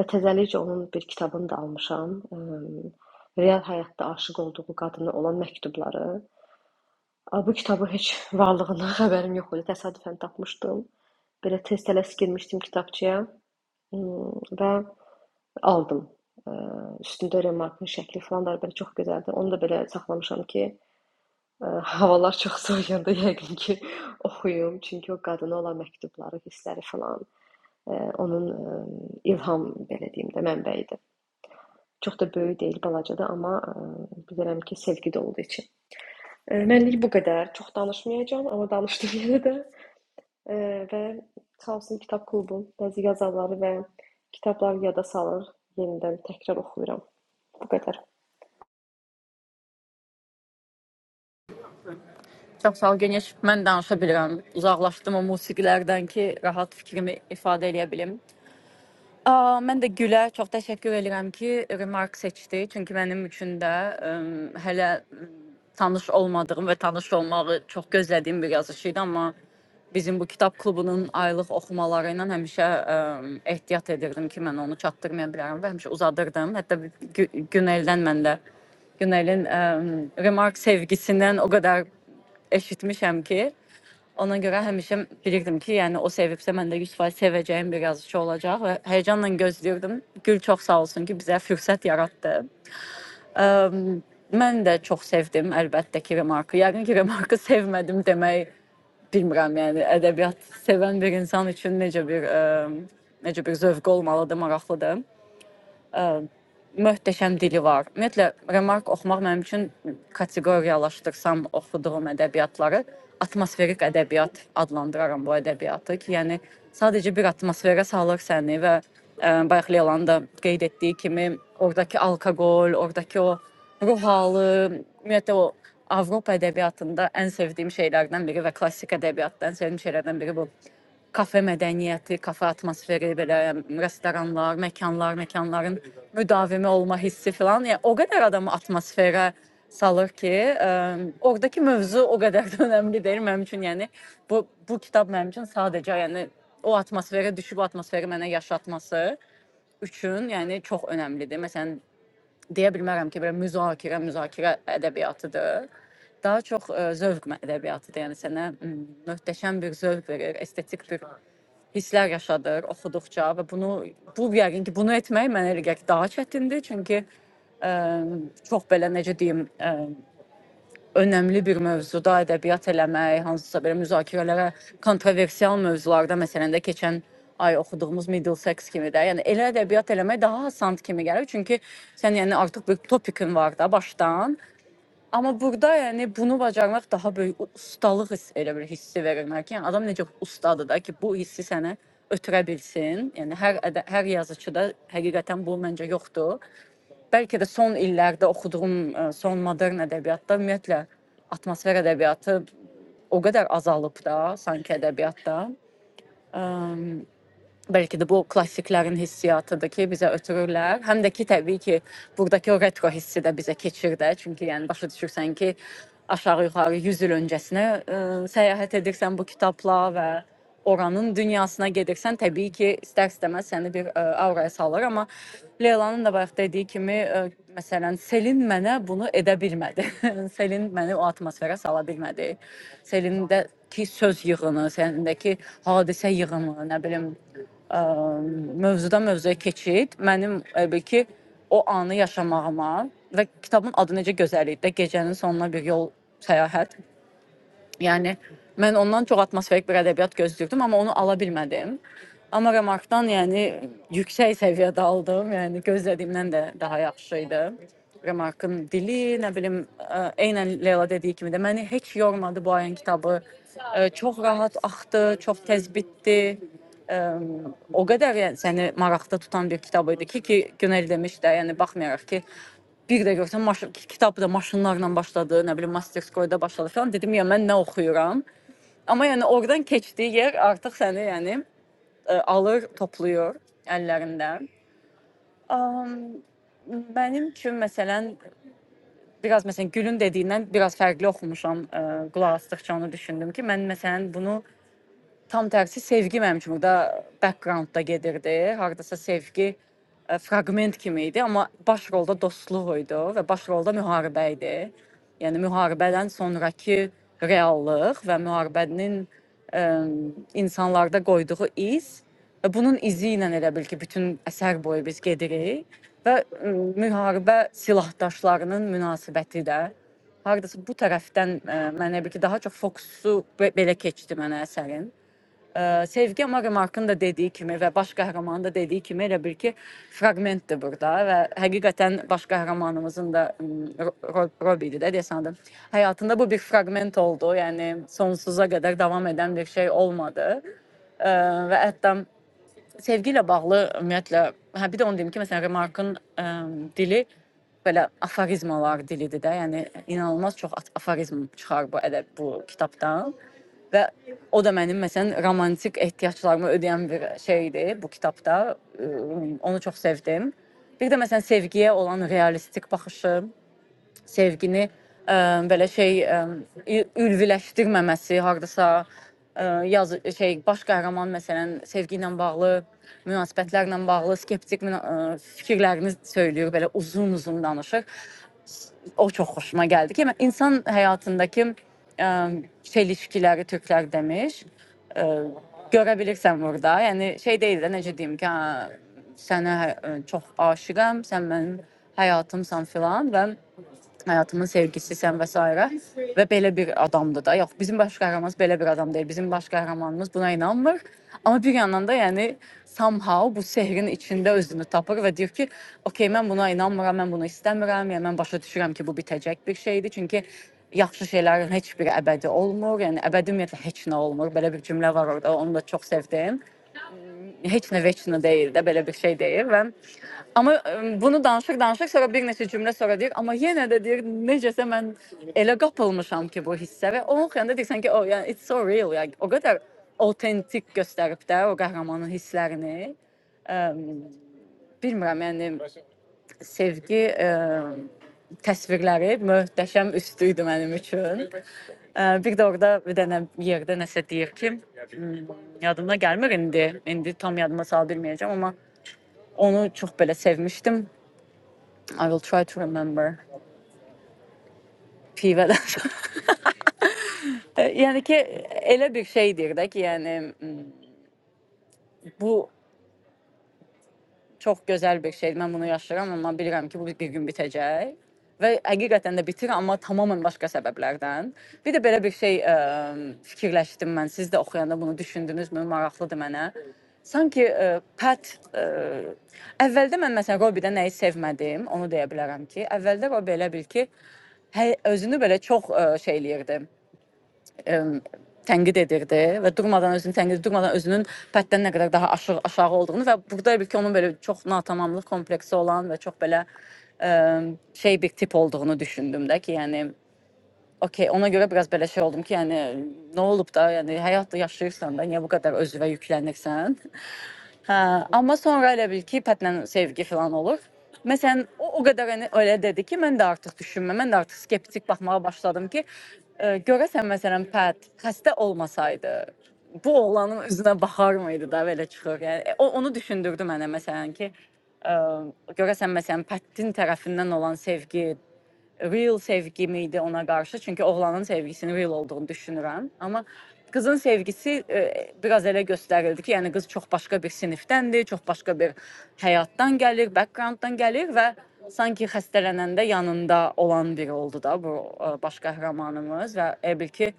və təzəlikcə onun bir kitabını da almışam. Eee, Real həyatda aşiq olduğu qadına olan məktubları Ay, Bu kitabın heç varlığından xəbərim yox idi. Təsadüfən tapmışdım. Belə tez tələs girmişdim kitabçıya Hmm, və aldım. Ə, Üstündə remarkın şəkli falan da belə çox gözəldir. Onu da belə saxlamışam ki, ə, havalar çox soyuyanda yəqin ki, oxuyum. Çünki o qadına olan məktubları, hissləri falan ə, onun ə, ilham belə deyim də mənbəyidir. Çox da böyük deyil, balacadır, amma ə, bilirəm ki, sevgi doludur içi. Ə, Mənlik bu qədər. Çox danışmayacağam, amma danışdım yenə də. Eee, və sağ olsun Kitab Klubu bəzi yazarları və kitabları yada salır, yenidən təkrar oxuyuram. Bu qədər. çox sağ ol, geniş. Mən danışa bilirəm. Uzaqlaşdım o musiqilərdən ki, rahat fikrimi ifadə eləyə bilim. Aa, mən də Gülə çox təşəkkür edirəm ki, remark seçdi. Çünki mənim üçün də ə, hələ tanış olmadığım və tanış olmağı çox gözlədiyim bir yazışı idi, amma Bizim bu kitab klubunun aylıq oxumaları ilə həmişə ə, ehtiyat edirdim ki, mən onu çatdırmaya bilərəm və həmişə uzadırdım. Hətta bir Gü- Güneldən mən də Günelin ə, remark sevgisindən o qədər eşitmişəm ki, ona görə həmişə bilirdim ki, yəni o sevibsə mən də 100% sevəcəyim bir yazıçı olacaq və həyecanla gözləyirdim. Gül çox sağ olsun ki, bizə fürsət yaratdı. Ə, mən də çox sevdim əlbəttə ki, remarkı. Yəqin ki, remarkı sevmədim demək Bilmirəm, yəni ədəbiyyat sevən bir insan üçün necə bir ə, necə bir zövq olmalıdır, maraqlıdır. Möhtəşəm dili var. Ümumiyyətlə remark oxumaq mənim üçün kateqoriyalaşdırsam oxuduğum ədəbiyyatları atmosferik ədəbiyyat adlandıraram bu ədəbiyyatı ki, yəni sadəcə bir atmosferə salır səni və ə, bayaq Lelanın da qeyd etdiyi kimi oradakı alkoqol, oradakı o ruh halı, ümumiyyətlə o Avropa ədəbiyyatında ən sevdiyim şeylərdən biri və klassik ədəbiyyatda ən sevdiyim şeylərdən biri bu kafe mədəniyyəti, kafe atmosferi, belə restoranlar, məkanlar, məkanların müdavimi olma hissi filan. Yəni o qədər adamı atmosferə salır ki, ə, oradakı mövzu o qədər də önəmli deyil mənim üçün. Yəni bu bu kitab mənim üçün sadəcə yəni o atmosferə düşüb o atmosferi mənə yaşatması üçün, yəni çox önəmlidir. Məsələn, deyə bilmərəm ki, belə müzakirə, müzakirə ədəbiyyatıdır. Daha çox ə, zövq mə- ədebbiyatıdır. Yəni sənə m, möhtəşəm bir zövq verir, estetik bir hisslər yaşadır oxuduqca və bunu bu yəqin ki, bunu etmək mənə elə gəlir ki, daha çətindir, çünki ə, çox belə necə deyim, ə, önəmli bir mövzuda ədəbiyyat eləmək, hansısa belə müzakirələrə kontroversial mövzularda məsələn də keçən ay oxuduğumuz Middlesex kimi də, yəni elə ədəbiyyat eləmək daha hasant kimi gəlir. Çünki sən yəni artıq bir topikin var da başdan Amma burada yəni bunu bacarmaq daha böyük u- ustalıq hiss, elə bir hissi verir mənə ki, yəni adam necə ustadır da ki, bu hissi sənə ötürə bilsin. Yəni hər ədə- hər yazıçıda həqiqətən bu məncə yoxdur. Bəlkə də son illərdə oxuduğum ə, son modern ədəbiyyatda ümumiyyətlə atmosfer ədəbiyyatı o qədər azalıb da sanki ədəbiyyatda. Əm, belki de bu klasiklerin hissiyatıdır ki bize ötürürler. Hem de ki tabii ki buradaki o retro hissi de bize keçir də. Çünki yəni başa düşürsən ki, aşağı yuxarı 100 il öncəsinə ə, səyahət edirsən bu kitabla və oranın dünyasına gedirsən, təbii ki, istər-istəməz səni bir ə, auraya salır, amma Leylanın da bayaq dediyi kimi, ə, məsələn, Selin mənə bunu edə bilmədi. Selin məni o atmosferə sala bilmədi. Selindəki söz yığını, Selindəki hadisə yığını, nə bilim, mövzudan mövzuya keçid mənim elə ki o anı yaşamağıma və kitabın adı necə gözəl idi də, gecənin sonuna bir yol səyahət. Yəni mən ondan çox atmosferik bir ədəbiyyat gözləyirdim, amma onu ala bilmədim. Amma Remarkdan yəni yüksək səviyyədə aldım. Yəni gözlədiyimdən də daha yaxşı idi. Remarkın dili, nə bilim, ə, eynən Leyla dediyi kimi də məni heç yormadı bu ayın kitabı. Ə, Çox rahat axdı, çox tez bitdi. Əm, o qədər yəni səni maraqda tutan bir kitab idi ki, ki Günel demiş də, yəni baxmayaraq ki, bir də görsən maşın kitab da maşınlarla başladı, nə bilim Masterskoyda başladı falan. Dedim ya mən nə oxuyuram? Amma yəni oradan keçdiyi yer artıq səni yəni ə, alır, toplayır əllərində. Um, mənim üçün məsələn biraz məsələn Gülün dediyindən biraz fərqli oxumuşam. Ə, qulaq asdıqca onu düşündüm ki, mən məsələn bunu Tam tərsi sevgi mənim üçün burada backgroundda gedirdi. Hardasa sevgi ə, fraqment kimi idi, amma baş rolda dostluq idi və baş rolda müharibə idi. Yəni müharibədən sonrakı reallıq və müharibənin ə, insanlarda qoyduğu iz və bunun izi ilə elə bil ki, bütün əsər boyu biz gedirik və ə, müharibə silahdaşlarının münasibəti də hardasa bu tərəfdən ə, mənə bir ki, daha çox fokusu be- belə keçdi mənə əsərin. Ə, Sevgi amma Remarkın da dediyi kimi və baş qəhrəmanın da dediyi kimi elə bil ki, fraqmentdir burada və həqiqətən baş qəhrəmanımızın da Robi idi də desandım. Həyatında bu bir fraqment oldu. Yəni sonsuza qədər davam edən bir şey olmadı. Ə, və hətta sevgi ilə bağlı ümumiyyətlə hə bir də onu deyim ki, məsələn Remarkın ə, dili belə aforizmalar dilidir də. Yəni inanılmaz çox at- aforizm çıxar bu ədəb bu kitabdan. Və o da mənim məsələn romantik ehtiyaclarımı ödəyən bir şeydir bu kitabda. Ə, Onu çox sevdim. Bir də məsələn sevgiyə olan realistik baxışım sevgini ə, belə şey ə, ü- ülviləşdirməməsi, hardasa ə, yaz şey baş qəhrəman məsələn sevgi ilə bağlı, münasibətlərlə bağlı skeptik müna- ə, fikirlərini söyləyir, belə uzun-uzun danışır. O çox xoşuma gəldi ki, insan həyatındakı ə, çelişkiləri türklər demiş. Ə, görə bilirsən burada. Yəni şey deyil də necə deyim ki, hə, sənə ə, çox aşiqəm, sən mənim həyatımsan filan və həyatımın sevgilisisən və s. və belə bir adamdır da. Yox, bizim baş qəhrəmanımız belə bir adam deyil. Bizim baş qəhrəmanımız buna inanmır. Amma bir yandan da yəni somehow bu sehrin içində özünü tapır və deyir ki, "Okay, mən buna inanmıram, mən bunu istəmirəm. Yəni mən başa düşürəm ki, bu bitəcək bir şeydir." Çünki yaxşı şeylərin heç biri əbədi olmur. Yəni əbədi ümumiyyətlə heç nə olmur. Belə bir cümlə var orada. Onu da çox sevdim. heç nə veç nə deyil də belə bir şey deyir və amma ə, bunu danışır danışır sonra bir neçə cümlə sonra deyir amma yenə də deyir necəsə mən elə qapılmışam ki bu hissə və onun xəyalında deyirsən ki o oh, yeah, it's so real yani o qədər autentik göstərib də o qəhrəmanın hisslərini ə, bilmirəm yəni sevgi ə, təsvirləri möhtəşəm üstü idi mənim üçün. Ə, bir də orada bir dənə yerdə nəsə deyir ki, yadımda gəlmir indi. İndi tam yadıma sala bilməyəcəm, amma Onu çok böyle sevmiştim. I will try to remember. Piveler. yani ki ele bir şey dirdik yani m, bu Çox gözəl bir şeydir. Mən bunu yaşayıram, amma bilirəm ki, bu bir gün bitəcək və həqiqətən də bitir, amma tamamilə başqa səbəblərdən. Bir də belə bir şey ə, fikirləşdim mən. Siz də oxuyanda bunu düşündünüzmü? Maraqlıdır mənə. Sanki ə, Pat ə, əvvəldə mən məsələn Robi-də nəyi sevmədim, onu deyə bilərəm ki, əvvəldə Robi elə bil ki, hə, özünü belə çox ə, şey eləyirdi. ə, tənqid edirdi və durmadan özünü tənqid durmadan özünün pətdən nə qədər daha aşağı, aşağı olduğunu və burada bir ki onun belə çox natamamlıq kompleksi olan və çox belə ə, şey bir tip olduğunu düşündüm də ki, yəni okey, ona görə biraz belə şey oldum ki, yəni nə olub da, yəni həyat yaşayırsan da, niyə bu qədər özünə yüklənirsən? Hə, amma sonra elə bil ki, ipətlə sevgi filan olur. Məsələn, o o qədər yəni elə dedi ki, mən də artıq düşünmə, mən də artıq skeptik baxmağa başladım ki, ə, görəsən məsələn Pət xəstə olmasaydı bu oğlanın üzünə baxar mıydı da belə çıxır. Yəni e, o onu düşündürdü mənə məsələn ki, ə, görəsən məsələn Pətin tərəfindən olan sevgi real sevgi miydi ona qarşı? Çünki oğlanın sevgisinin real olduğunu düşünürəm. Amma qızın sevgisi e, biraz elə göstərildi ki, yəni qız çox başqa bir sinifdəndir, çox başqa bir həyatdan gəlir, backgrounddan gəlir və sanki xəstələnəndə yanında olan biri oldu da bu e, baş qəhrəmanımız və elə bil ki,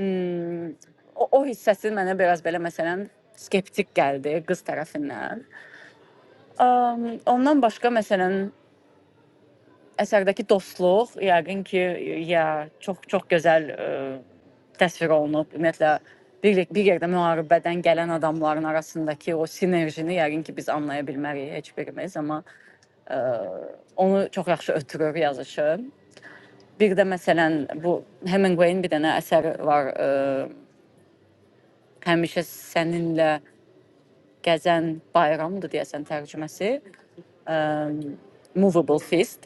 mm, o, o hissəsi mənə biraz belə məsələn skeptik gəldi qız tərəfindən. Um, ondan başqa məsələn Əsərdəki dostluq yəqin ki, ya çox-çox gözəl ə, təsvir olunub. Ümumiyyətlə bir, bir yerdə müharibədən gələn adamların arasındakı o sinerjini yəqin ki, biz anlaya bilmərik heç birimiz, amma ə, onu çox yaxşı ötürür yazışı. Bir də məsələn bu Hemingway-in bir dənə əsəri var, ə, həmişə səninlə gəzən bayramdır deyəsən tərcüməsi. Movable Feast.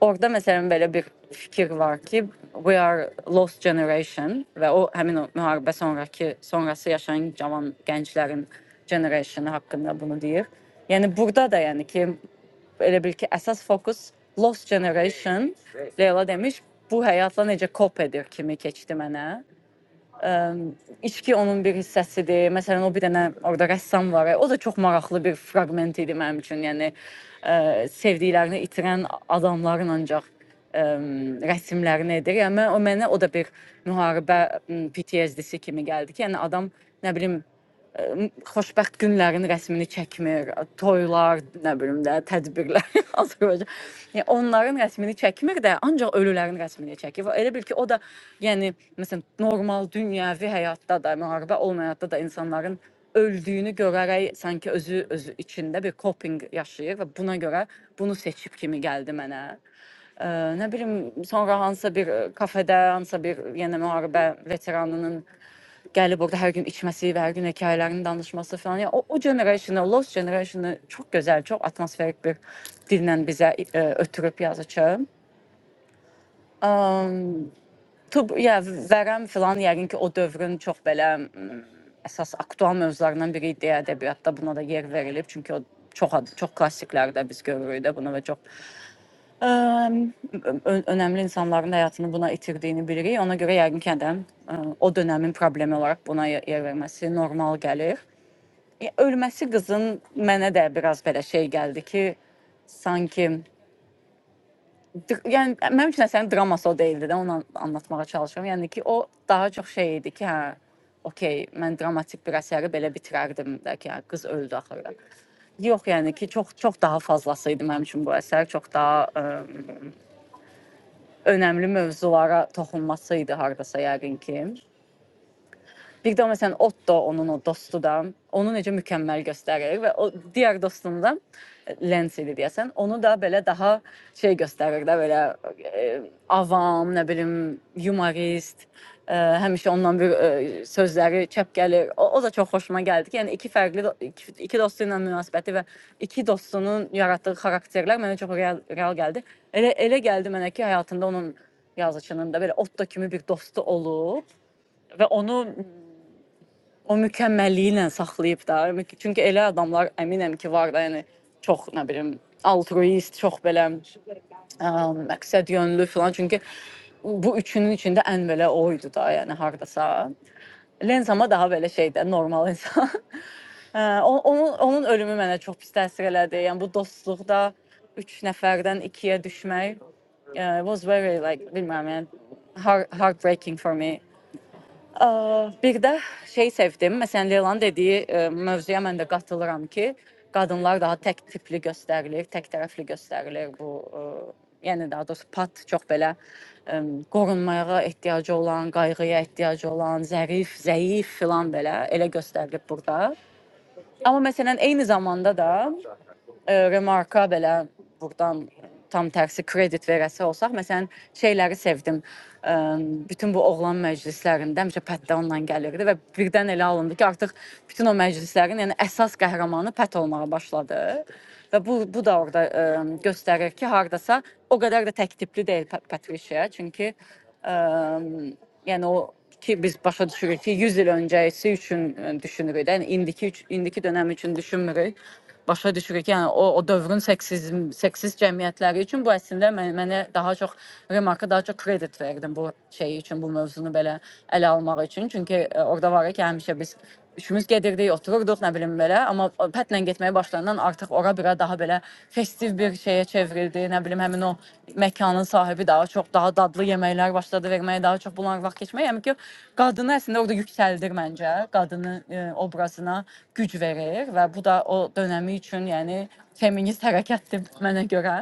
Orada mesela böyle bir fikir var ki we are lost generation ve o hemen o müharibə sonraki sonrası yaşayan cavan gənclərin generationu haqqında bunu deyir. Yəni burada da yəni ki elə bil ki əsas fokus lost generation Leyla demiş bu həyatla necə kop edir kimi keçdi mənə. İçki onun bir hissəsidir. Məsələn, o bir dənə orada rəssam var. O da çox maraqlı bir fraqment idi mənim üçün. Yəni ə, sevdiklərini itirən adamların ancaq ə, rəsmlərini edir. Yəni o mənə o da bir müharibə m, PTSD-si kimi gəldi ki, yəni adam nə bilim ə, xoşbəxt günlərin rəsmini çəkmir, toylar, nə bilim də, tədbirlər Azərbaycan. Yəni onların rəsmini çəkmir də, ancaq ölülərin rəsmini çəkir. Və Elə bil ki, o da yəni məsələn normal dünyəvi həyatda da, müharibə olmayan həyatda da insanların öldüyünü görərək sanki özü özü içində bir coping yaşayır və buna görə bunu seçib kimi gəldi mənə. Ə, nə bilim sonra hansısa bir ə, kafedə, hansısa bir yenə müharibə veteranının Gəlib orada hər gün içməsi və hər gün hekayələrini danışması falan. Yəni o, o generationu, Lost generationu çox gözəl, çox atmosferik bir dillə bizə e, ötürüb yazıcı. Um, tub, ya vərəm filan yəqin ki, o dövrün çox belə mm, əsas aktual mövzularından biri idi ədəbiyyatda. Buna da yer verilib çünki o çox ad- çox klassiklərdə biz görürük də bunu və çox ə, ö- önəmli insanların həyatını buna itirdiyini bilirik. Ona görə yəqin ki, həm də ə, o dönəmin problemi olaraq buna ye- yer verməsi normal gəlir. E, Ölməsi qızın mənə də biraz belə şey gəldi ki, sanki dr- yəni mənim üçün sənin draması o deyildi də, onu an- anlatmağa çalışıram. Yəni ki, o daha çox şey idi ki, hə, okey, mən dramatik bir əsəri belə bitirərdim də ki, hə, qız öldü axırda. Yox, yəni ki, çox çox daha fazlası idi mənim üçün bu əsər, çox daha ə, önəmli mövzulara toxunması idi hardasa yəqin ki. Bir də məsələn Otto onun o dostudur. Onu necə mükəmməl göstərir və o digər dostunu da Lens idi deyəsən. Onu da belə daha şey göstərir də belə e, avam, nə bilim, humorist, e, həmişə ondan bir e, sözləri çəp gəlir. O, o da çox xoşuma gəldi ki, yəni iki fərqli do- iki, iki dostu ilə münasibəti və iki dostunun yaratdığı xarakterlər mənə çox real, real gəldi. Elə elə gəldi mənə ki, həyatında onun yazıçının da belə Otto kimi bir dostu olub və onu o mükemmelliğiyle saklayıp da. Çünki elə adamlar əminəm ki, var da, yəni çox nə bilim altruist, çox belə ə, məqsəd yönlü filan. Çünki bu üçünün içində ən belə o idi da, yəni hardasa. Lenz ama daha böyle şeydə normal insan. onun onun ölümü mənə çox pis təsir elədi. Yəni bu dostluqda 3 nəfərdən 2-yə düşmək uh, it was very like bilmem yani heart heartbreaking for me. Ə, Bir də şey sevdim. Məsələn, Leylanın dediyi ə, mövzuya mən də qatılıram ki, qadınlar daha tək tipli göstərilir, tək tərəfli göstərilir bu ə, yəni daha doğrusu pat çox belə ə, qorunmağa ehtiyacı olan, qayğıya ehtiyacı olan, zərif, zəif filan belə elə göstərilib burada. Amma məsələn eyni zamanda da e, remarka belə burdan tam tərsi kredit verəsi olsaq, məsələn, şeyləri sevdim. E, bütün bu oğlan məclislərində həmişə Pətdə onunla gəlirdi və birdən elə alındı ki, artıq bütün o məclislərin, yəni əsas qəhrəmanı Pət olmağa başladı. Və bu bu da orada e, göstərir ki, hardasa o qədər də təktipli deyil Pat- Patricia, çünki e, yəni o ki biz başa düşürük ki 100 il öncəsi üçün e, düşünürük də. Yəni indiki üç- indiki dönəm üçün düşünmürük. Başa düşürük ki, yəni o o dövrün seksiz seksiz cəmiyyətləri üçün bu əslində mən, mənə daha çox remarka daha çox kredit verdim bu şey üçün, bu mövzunu belə ələ almaq üçün. Çünki e, orada var ya ki, həmişə biz üçümüz gedirdik, otururduq, nə bilim belə, amma pətlə getməyə başlandan artıq ora bira daha belə festiv bir şeyə çevrildi. Nə bilim həmin o məkanın sahibi daha çox daha dadlı yeməklər başladı verməyə, daha çox bunlar vaxt keçməyə. Yəni ki, qadını əslində orada yüksəldir məncə, qadının e, obrazına güc verir və bu da o dönəmi üçün, yəni feminist hərəkətdir mənə görə.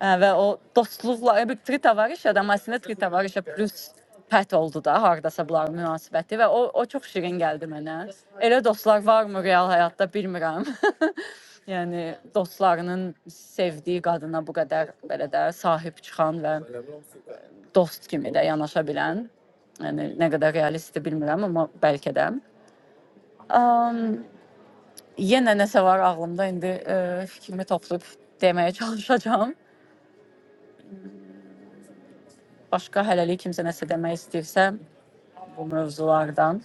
Ə, və o dostluqla e, bir Trita var iş adam əslində Trita var işə plus pət oldu da hardasa bunların münasibəti və o o çox şirin gəldi mənə. Elə dostlar varmı real həyatda bilmirəm. yəni dostlarının sevdiyi qadına bu qədər belə də sahib çıxan və dost kimi də yanaşa bilən Yəni nə qədər realistdir bilmirəm, amma bəlkə də. Um, yenə nəsə var ağlımda indi e, fikrimi toplayıb deməyə çalışacağam. Başqa hələlik kimsə nəsə demək istəyirsə, bu mövzulardan.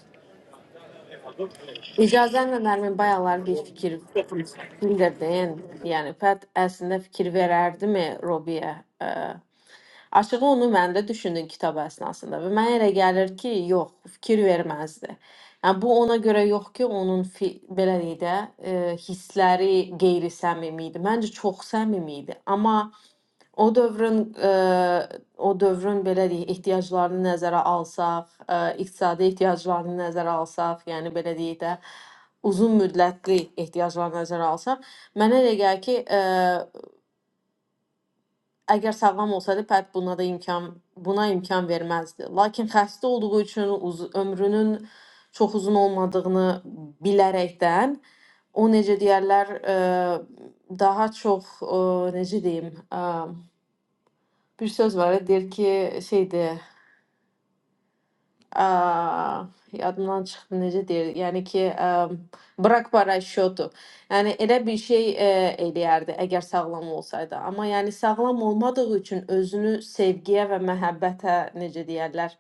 İcazənlə Nərmin bayaqlar bir fikir bildirdin. Yəni Fət əslində fikir verərdimi Robiyə? Ə, Açığı onu mən də düşündüm kitab əsnasında və mənə elə gəlir ki, yox, fikir verməzdi. Yəni bu ona görə yox ki, onun fi, belə deyək də, e, hissləri qeyri-səmimi idi. Məncə çox səmimi idi. Amma o dövrün e, o dövrün belə deyək ehtiyaclarını nəzərə alsaq, e, iqtisadi ehtiyaclarını nəzərə alsaq, yəni belə deyək də uzun müddətli ehtiyaclarını nəzərə alsaq, mənə elə gəlir ki, e, Əgər sağlam olsaydı, Pep buna da imkan buna imkan verməzdi. Lakin xəstə olduğu üçün uz ömrünün çox uzun olmadığını bilərəkdən o necə deyərlər, ə, daha çox ə, necə deyim, ə, bir söz var, deyir ki, şeydir, Aa, yadımdan çıxdı necə deyir? Yəni ki, ə, bırak paraşütü. Yəni elə bir şey ə, eləyərdi əgər sağlam olsaydı. Amma yəni sağlam olmadığı üçün özünü sevgiyə və məhəbbətə necə deyərlər,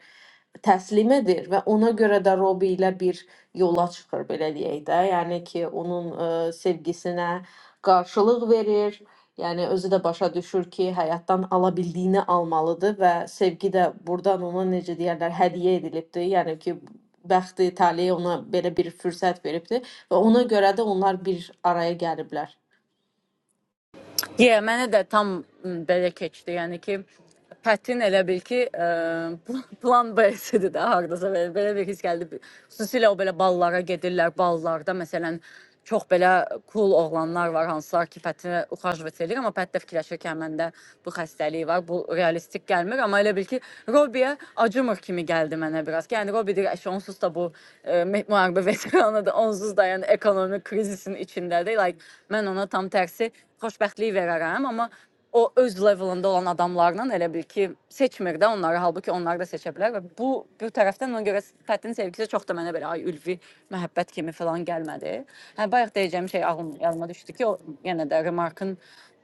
təslim edir və ona görə də Robi ilə bir yola çıxır belə deyək də. Yəni ki, onun ə, sevgisinə qarşılıq verir Yəni özü də başa düşür ki, həyatdan ala bildiyini almalıdır və sevgi də burdan ona necə deyərlər, hədiyyə edilibdir. Yəni ki, bəxti, taleyi ona belə bir fürsət veribdir və ona görə də onlar bir araya gəliblər. Yə, mənə də tam m, belə keçdi. Yəni ki, Pətin elə bil ki, ə, plan B-sidir də hardasa belə, belə bir his gəldi. Xüsusilə o belə ballara gedirlər, ballarda məsələn çox belə cool oğlanlar var hansılar ki, Pətinə uxajvət edir, amma Pətin Hətta fikirləşirkən məndə bu xəstəlik var, bu realistik gəlmir, amma elə bil ki, Robiyə acımır kimi gəldi mənə biraz. ki, Yəni Robi deyir, "Əş, onsuz da bu e, mə- müharibə veteranıdır, onsuz da yəni ekonomik krizisin içindədir." Like mən ona tam tərsi xoşbəxtlik verərəm, amma o öz levelında olan adamlarla elə bil ki, seçmir də onları, halbuki onlar da seçə bilər və bu bir tərəfdən ona görə Fətin sevgisi çox da mənə belə ay ülvi məhəbbət kimi falan gəlmədi. Hə bayaq deyəcəyim şey ağlım yadıma düşdü ki, o yenə də Remarkın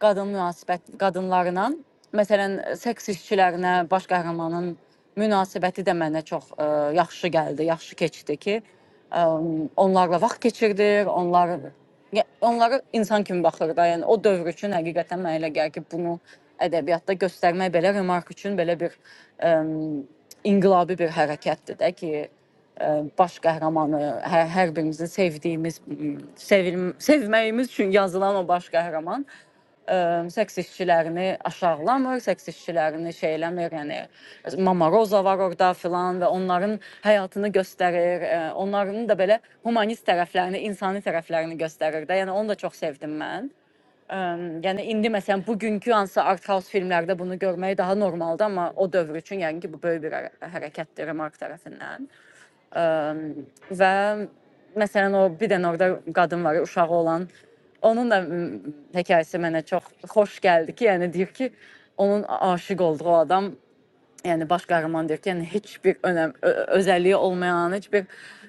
qadın münasibət qadınlarla, məsələn, seks işçilərinə baş qəhrəmanın münasibəti də mənə çox ə, yaxşı gəldi, yaxşı keçdi ki, ə, onlarla vaxt keçirdir, onlar Ya, onlara insan kimi baxır da, yəni o dövr üçün həqiqətən mənə elə gəlir ki, bunu ədəbiyyatda göstərmək belə remark üçün belə bir ə, inqilabi bir hərəkətdir də ki, ə, baş qəhrəmanı hər, hər birimizin sevdiyimiz, m, sevil, sevməyimiz üçün yazılan o baş qəhrəman ə, seks işçilərini aşağılamır, seks işçilərini şey eləmir, yəni Mama Roza var orada filan və onların həyatını göstərir, ə, onların da belə humanist tərəflərini, insani tərəflərini göstərir də. Yəni onu da çox sevdim mən. Ə, yəni indi məsələn bugünkü hansı art house filmlərdə bunu görmək daha normaldır, amma o dövr üçün yəni ki bu böyük bir hərə- hərəkətdir Mark tərəfindən. Ə, və məsələn o bir dənə orada qadın var, uşağı olan. Onun da m, hekayəsi mənə çox xoş gəldi ki, yəni deyir ki, onun aşiq olduğu adam yəni baş qəhrəman deyirkən heç bir önəm ö- özəlliyi olmayan, heç bir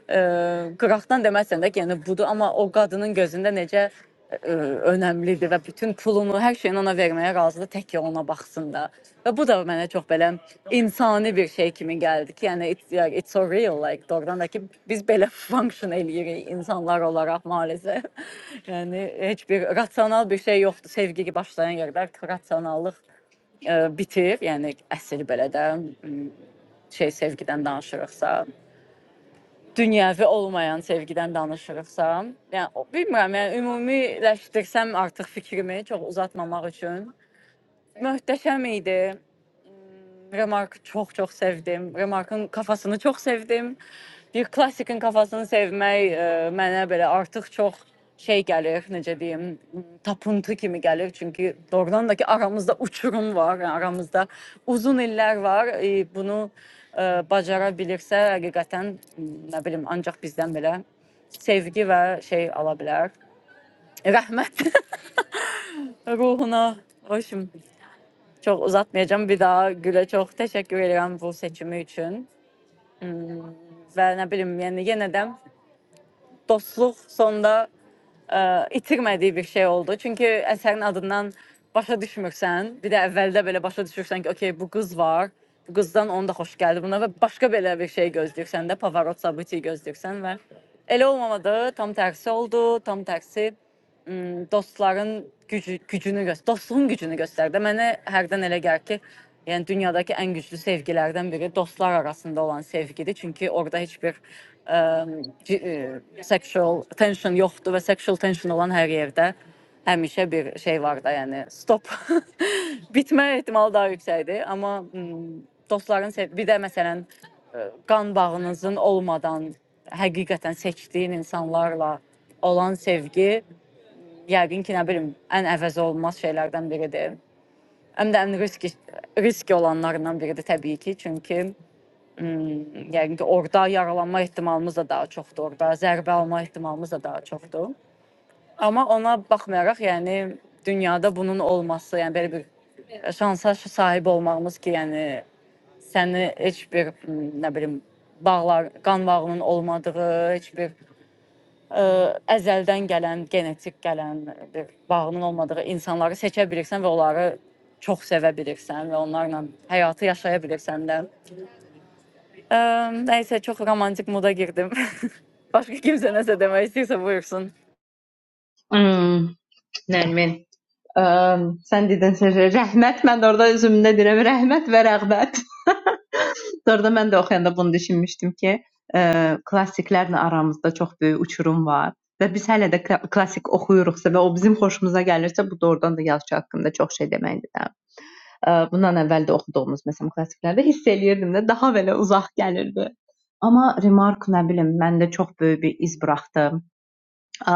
ə, qıraqdan deməsən də ki, yəni budur, amma o qadının gözündə necə ə, önəmlidir və bütün pulunu, hər şeyini ona verməyə razıdır, tək ki ona baxsın da. Və bu da mənə çox belə insani bir şey kimi gəldi ki, yəni it's, yeah, it's so real like doğrudan da ki biz belə function eləyirik insanlar olaraq maalesef. yəni heç bir rasional bir şey yoxdur. Sevgi başlayan yerdə rasionallıq e, bitib, yəni əsl belə də m, şey sevgidən danışırıqsa, dünyəvi olmayan sevgidən danışırıqsa, yəni o- bilmirəm, yəni ümumiləşdirsəm artıq fikrimi çox uzatmamaq üçün möhtəşəm idi. M, Remarkı çox-çox sevdim. Remarkın kafasını çox sevdim. bir klasikin kafasını sevmək e, mənə belə artıq çox şey gəlir, necə deyim, tapıntı kimi gəlir. Çünki doğrudan da ki aramızda uçurum var, yəni aramızda uzun illər var. E, bunu e, bacara bilirsə həqiqətən m, nə bilim ancaq bizdən belə sevgi və şey ala bilər. Rəhmət ruhuna hoşum. Çox uzatmayacağım Bir daha Gülə çox təşəkkür edirəm bu seçimi üçün. Hmm, Və nə bilim, yəni yenə də dostluq sonda ə, itirmədiyi bir şey oldu. Çünki əsərin adından başa düşmürsən. Bir də əvvəldə belə başa düşürsən ki, okey, bu qız var. Bu qızdan onu da xoş gəldi buna və başqa belə bir şey gözləyirsən də, Pavarot sabiti gözləyirsən və elə olmamadı, tam tərsi oldu. Tam tərsi dostların gücü, gücünü göstər, dostluğun gücünü göstərdi. Mənə hərdən elə gəlir ki, Yəni dünyadakı ən güclü sevgilərdən biri dostlar arasında olan sevgidir. Çünki orada heç bir ə, ci- ə, sexual tension yoxdur və sexual tension olan hər yerdə həmişə bir şey var da, yəni stop bitmə ehtimalı daha yüksəkdir. Amma m, dostların sev- bir də məsələn ə, qan bağınızın olmadan həqiqətən seçdiyin insanlarla olan sevgi yəqin ki, nə bilim, ən əvəzolunmaz şeylərdən biridir. Həm də ən risk risk olanlarından biridir təbii ki, çünki mm, yəqin ki, orada yaralanma ehtimalımız da daha çoxdur, orada zərbə alma ehtimalımız da daha çoxdur. Amma ona baxmayaraq, yəni dünyada bunun olması, yəni belə bir şansa sahib olmağımız ki, yəni səni heç bir mm, nə bilim bağlar, qan bağının olmadığı, heç bir ə, əzəldən gələn, genetik gələn bir bağının olmadığı insanları seçə bilirsən və onları çox sevə bilirsən və onlarla həyatı yaşaya bilirsən də. Ə, nəysə çox romantik moda girdim. Başqa kimsə nəsə demək istəyirsə buyursun. Hmm, Nərmin. Əm, sən dedin sən rəhmət, mən də orada özümdə deyirəm rəhmət və rəğbət. Orada mən də oxuyanda bunu düşünmüşdüm ki, ə, klassiklərlə aramızda çox böyük uçurum var və biz hələ də kla- klassik oxuyuruqsa və o bizim xoşumuza gəlirsə, bu doğrudan da yazıçı haqqında çox şey deməkdir. də. Ə, Bundan əvvəl də oxuduğumuz məsələn klassiklərdə hiss eləyirdim də daha belə uzaq gəlirdi. Amma Remark nə bilim məndə çox böyük bir iz buraxdı. Ə,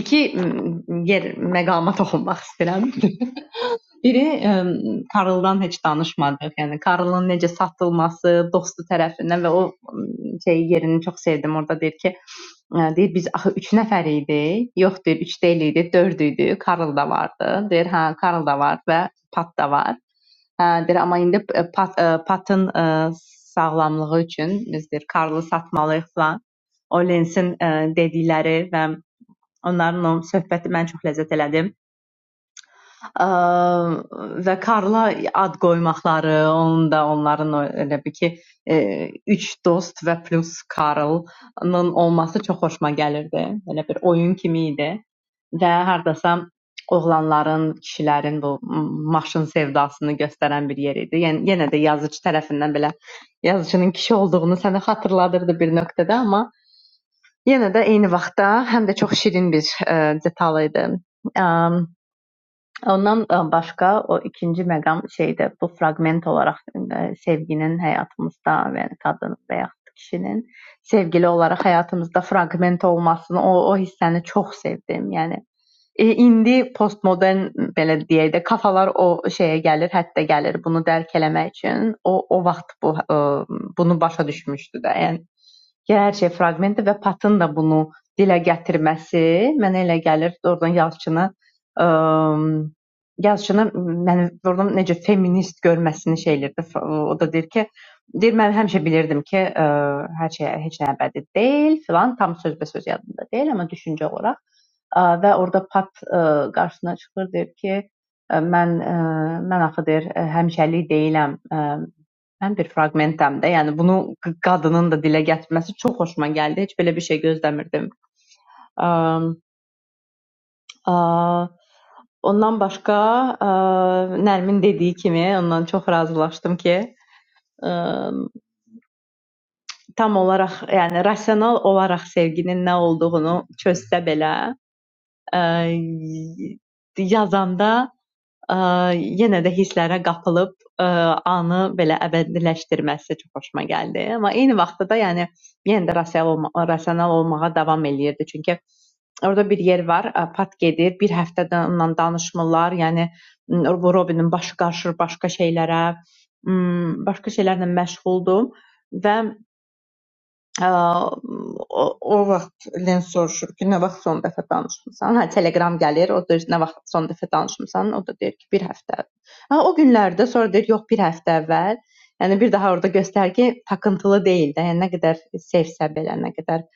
İki m, yer məqama toxunmaq istəyirəm. Biri ə, Karldan heç danışmadıq. Yəni Karlın necə satılması, dostu tərəfindən və o m, şey yerini çox sevdim. Orada deyir ki, ə, deyir biz axı 3 nəfər idik. Yox deyir, 3 deyil idi, 4 idi. Karl da vardı. Deyir, hə, Karl da var və Pat da var. Hə, deyir, amma indi ə, Pat, ə, Patın ə, sağlamlığı üçün biz deyir, Karlı satmalıyıq falan. O Lensin ə, dedikləri və onların o söhbəti mən çox ləzzət elədim Ə, və Karla ad qoymaqları, onun da onların o- elə bir ki, e, üç dost və plus Karlın olması çox xoşuma gəlirdi. Elə bir oyun kimi idi və hardasa oğlanların, kişilərin bu m, maşın sevdasını göstərən bir yer idi. Yəni yenə də yazıcı tərəfindən belə yazıcının kişi olduğunu sənə xatırladırdı bir nöqtədə, amma yenə də eyni vaxtda həm də çox şirin bir ə, detal idi. Um, Ondan e, başqa o ikinci məqam şeydə bu fraqment olaraq e, sevginin həyatımızda və yəni qadının və yaxud da kişinin sevgili olaraq həyatımızda fraqment olmasını o o hissəni çox sevdim. Yəni E, indi postmodern belə deyək də kafalar o şeyə gəlir, hətta gəlir bunu dərk eləmək üçün. O o vaxt bu e, bunu başa düşmüşdü də. Yəni ki, hər şey fraqmenti və Patın da bunu dilə gətirməsi mənə elə gəlir, oradan yazıçını ə, yazıçını məni oradan necə feminist görməsini şeylərdə o da deyir ki, deyir mən həmişə bilirdim ki, ə, hər şey heç nə əbədi deyil, filan tam sözbəsöz yadımda deyil, amma düşüncə olaraq Ə, və orada pat ə, qarşısına çıxır, deyir ki, ə, mən ə, mən axı deyir ə, həmişəlik deyiləm. Ə, mən bir fraqmentəm də. Yəni bunu q- qadının da dilə gətirməsi çox xoşuma gəldi. Heç belə bir şey gözləmirdim. Ə, ə, ondan başqa ə, Nərmin dediyi kimi ondan çox razılaşdım ki, ə, tam olaraq, yəni rasional olaraq sevginin nə olduğunu çözsə belə, ə, yazanda ə, yenə də hisslərə qapılıb ə, anı belə əbədiləşdirməsi çox xoşuma gəldi. Amma eyni vaxtda da yəni yenə də rasional, olma rasional olmağa davam eləyirdi. Çünki orada bir yer var, ə, pat gedir, bir həftədən onunla danışmırlar. Yəni m, bu Robinin başı qarışır başqa şeylərə, m, başqa şeylərlə məşğuldur və Ə, o, o vaxtdan soruşur ki, nə vaxt son dəfə danışmısan? Hə, Telegram gəlir, o deyir nə vaxt son dəfə danışmısan? O da deyir ki, bir həftə. əvvəl. Hə, o günlərdə sonra deyir, yox, bir həftə əvvəl. Yəni bir daha orada göstərgi takıntılı deyil də. Yəni nə qədər sevsə belə, nə qədər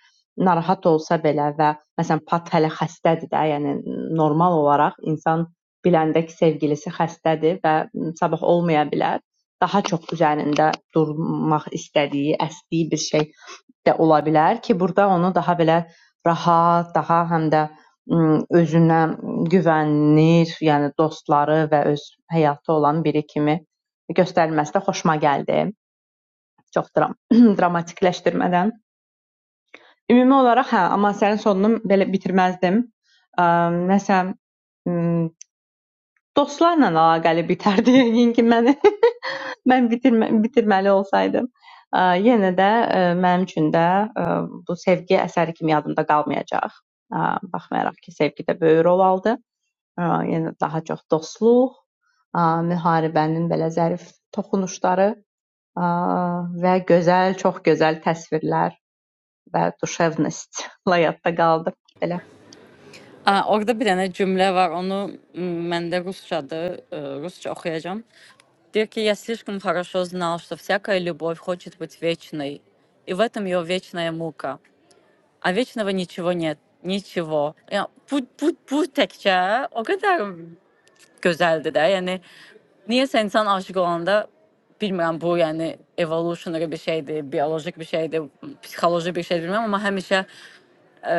narahat olsa belə və məsələn Pat hələ xəstədir də, yəni normal olaraq insan biləndə ki, sevgilisi xəstədir və sabah olmaya bilər. Daha çox üzərində durmaq istədiyi, əsdiyi bir şey də ola bilər ki, burada onu daha belə rahat, daha həm də m, özünə güvənir, yəni dostları və öz həyatı olan biri kimi göstərilməsi də xoşuma gəldi. Çox dram dramatikləşdirmədən. Ümumi olaraq hə, amma sənin sonunu belə bitirməzdim. Ə, nəsə m, dostlarla əlaqəli bitərdi yəqin ki, məni Mən bitirmə bitirməli olsaydım, ə, yenə də ə, mənim üçün də ə, bu sevgi əsəri kimi yadımda qalmayacaq. Ə, baxmayaraq ki, sevgidə böyük rol aldı. Ə, yenə daha çox dostluq, ə, müharibənin belə zərif toxunuşları ə, və gözəl, çox gözəl təsvirlər və duşevnostla yadda qaldı. Belə Aa, orada bir dənə cümlə var. Onu m, məndə rusçadır. ə, Rusça oxuyacağam. Deyir ki, я слишком хорошо знал, что всякая любовь хочет быть вечной. И в этом ее вечная мука. А вечного nичего нет. Nичего. Ya, bu, bu, bu təkcə o qədər gözəldir də. Yəni niyəsə insan aşiq olanda bilmirəm bu, yəni evolutionary bir şeydir, biolojik bir şeydir, psixoloji bir şeydir bilmirəm, amma həmişə ə,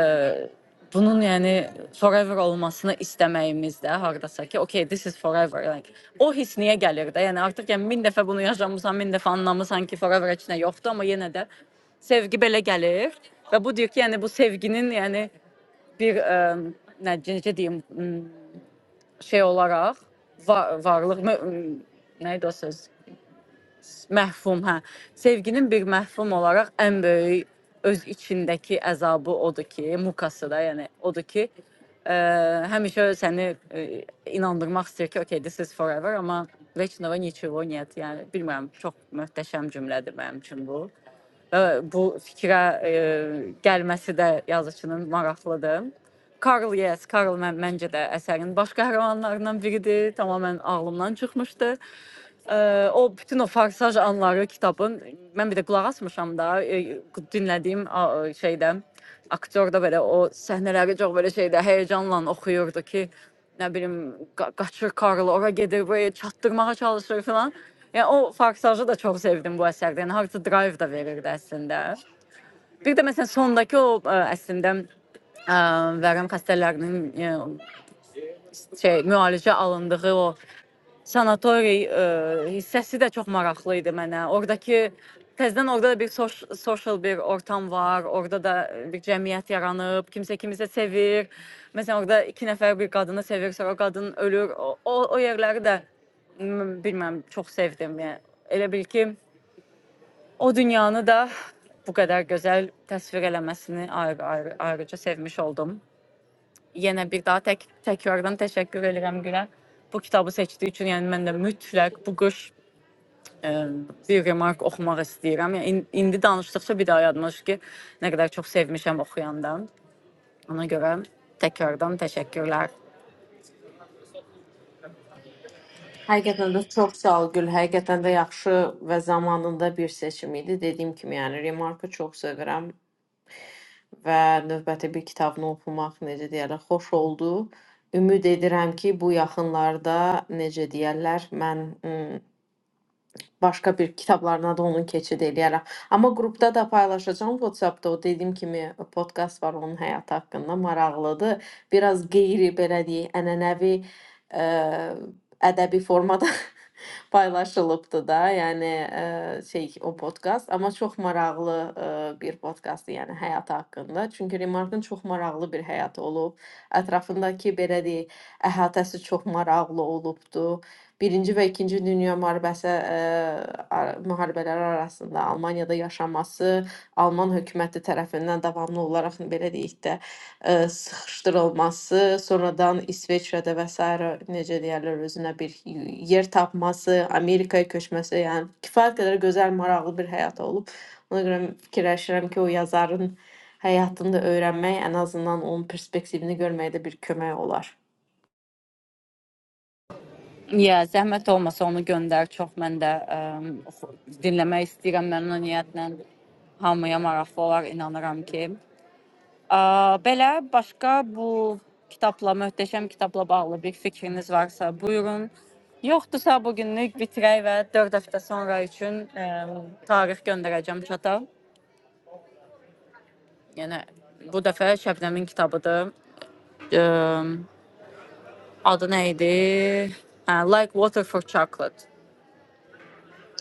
bunun yəni forever olmasını istəməyimiz də hardasa ki, okay, this is forever. Like, o his niyə gəlir də? Yəni artıq yəni 1000 dəfə bunu yaşamısan, 1000 dəfə anlamısan ki, forever heç nə yoxdur, amma yenə də sevgi belə gəlir və bu deyir ki, yəni bu sevginin yəni bir ə, nə necə deyim, m, şey olaraq va- varlıq mə- m, nə idi o söz? Məhfum, hə. Sevginin bir məhfum olaraq ən böyük öz içindəki əzabı odur ki, mukası da, yəni odur ki, ə, həmişə səni ə, inandırmaq istəyir ki, okay, this is forever, amma Veçnova Niçevo Net, yəni bilmirəm, çox möhtəşəm cümlədir mənim üçün bu və bu fikrə e, gəlməsi də yazıçının maraqlıdır. Karl Yes, Karl mən, məncə də əsərin baş qəhrəmanlarından biridir. Tamamilə ağlımdan çıxmışdı. Ə, o bütün o farsaj anları kitabın mən bir də qulaq asmışam da e, dinlədiyim a- şeydə aktör de böyle o sahneleri çok böyle şeyde heyecanla okuyordu ki ne bileyim ka- kaçır karlı oraya gelir böyle çattırmaya çalışır falan. Yani o farksajı da çok sevdim bu əsərdə. Yəni Hard to Drive da verirdi əslində. Bir də məsələn sondakı o ə, əslində ə, vərəm xəstələrinin ə, şey müalicə alındığı o sanatoriy e, hissəsi də çox maraqlı idi mənə. Oradakı təzədən orada da bir soş, social bir ortam var. Orada da e, bir cəmiyyət yaranıb, kimsə kimisə sevir. Məsələn, orada iki nəfər bir qadını sevir, sonra o qadın ölür. O o, o yerləri də m, bilmirəm, çox sevdim. Yəni elə bil ki, o dünyanı da bu qədər gözəl təsvir eləməsini ayrı, ayrı, ayrıca sevmiş oldum. Yenə bir daha tək təkrardan təşəkkür edirəm Gülə. Bu kitabı seçdiyi üçün, yəni mən də mütləq bu qış Ə, bir remark oxumaq istəyirəm. Yəni in- indi danışdıqca bir daha yadıma düşür ki, nə qədər çox sevmişəm oxuyanda. Ona görə təkrardan təşəkkürlər. Həqiqətən də çox sağ ol Gül, həqiqətən də yaxşı və zamanında bir seçim idi. Dediyim kimi, yəni Remarku çox sevirəm və növbəti bir kitabını oxumaq necə deyərlər, xoş oldu. Ümid edirəm ki, bu yaxınlarda necə deyərlər, mən başqa bir kitablarına da onun keçid eləyərəm. Amma qrupda da paylaşacağam WhatsApp-da o dediyim kimi e, podkast var onun həyatı haqqında maraqlıdır. Biraz qeyri belə deyək, ənənəvi ə, ədəbi formada paylaşılıbdı da. Yəni ə, şey o podkast, amma çox maraqlı ə, bir podkastdır, yəni həyatı haqqında. Çünki Remarkın çox maraqlı bir həyatı olub. Ətrafındakı belə deyək, əhatəsi çox maraqlı olubdu. Birinci və İkinci Dünya müharibəsi eee, ar- müharibələri arasında Almaniyada yaşaması Alman hökuməti tərəfindən davamlı olaraq belə deyək də eee, sıxışdırılması, sonradan İsveçrədə və sairə necə deyirlər özünə bir yer tapması, Amerikaya köçməsi, yəni kifayət qədər gözəl, maraqlı bir həyat olub. Ona görə fikirləşirəm ki, o yazarın həyatını da öyrənmək, ən azından onun perspektivini görməyə də bir kömək olar. Ya, zəhmət olmasa onu göndər. Çox mən də ə, oxu- dinləmək istəyirəm məmnuniyyətlə. Hamıya maraqlı olar, inanıram ki. Ə, belə başqa bu kitabla, möhtəşəm kitabla bağlı bir fikriniz varsa, buyurun. Yoxdursa bu günlük bitirək və 4 həftə sonra üçün ə, tarix göndərəcəm çata. Yəni bu dəfə Şəbnəmin kitabıdır. Eee, Adı nə idi? Hə, Like Water for Chocolate.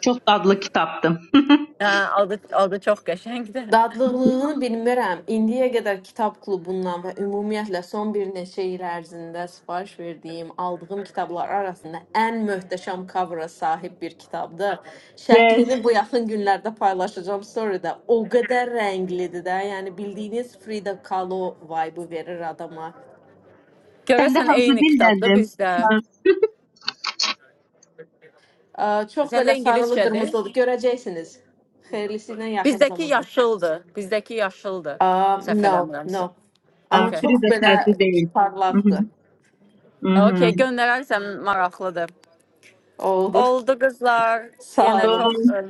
çox dadlı kitabdır. Hə, adı adı çox qəşəngdir. Dadlılığını bilmirəm. İndiyə qədər kitab klubundan və ümumiyyətlə son bir neçə il ərzində sifariş verdiyim, aldığım kitablar arasında ən möhtəşəm cover-a sahib bir kitabdır. yes. Şəklini bu yaxın günlərdə paylaşacağım story-də. O qədər rənglidir də, yəni bildiyiniz Frida Kahlo vibe-ı verir adama. Sən də Görəsən hansı eyni kitabdır dildəndim? bizdə. Ə, Çox Səndə belə sarılı, ingiliscədir. qırmızılı görəcəksiniz. Xeyirlisi ilə yaxın Bizdəki zamanda. yaşıldır. Bizdəki yaşıldır. Ə, Səhv No, eləmirəmsə. no. Amma Okay. çox Frida belə sərdi deyil. Mhm. parlaqdır. Mhm. Okay, göndərərsəm maraqlıdır. Oldu. Oldu qızlar. Sağ Yenə çox olun. olun. ım,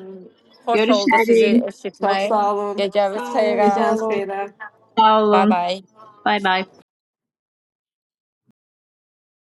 xoş oldu sizi Görüşürüz. Çok eşitmək. sağ olun. Gecəniz Sağ olun, xeyrə. sağ Geceniz olun. hayırlı. Sağ Bye olun. bye. Bay bay.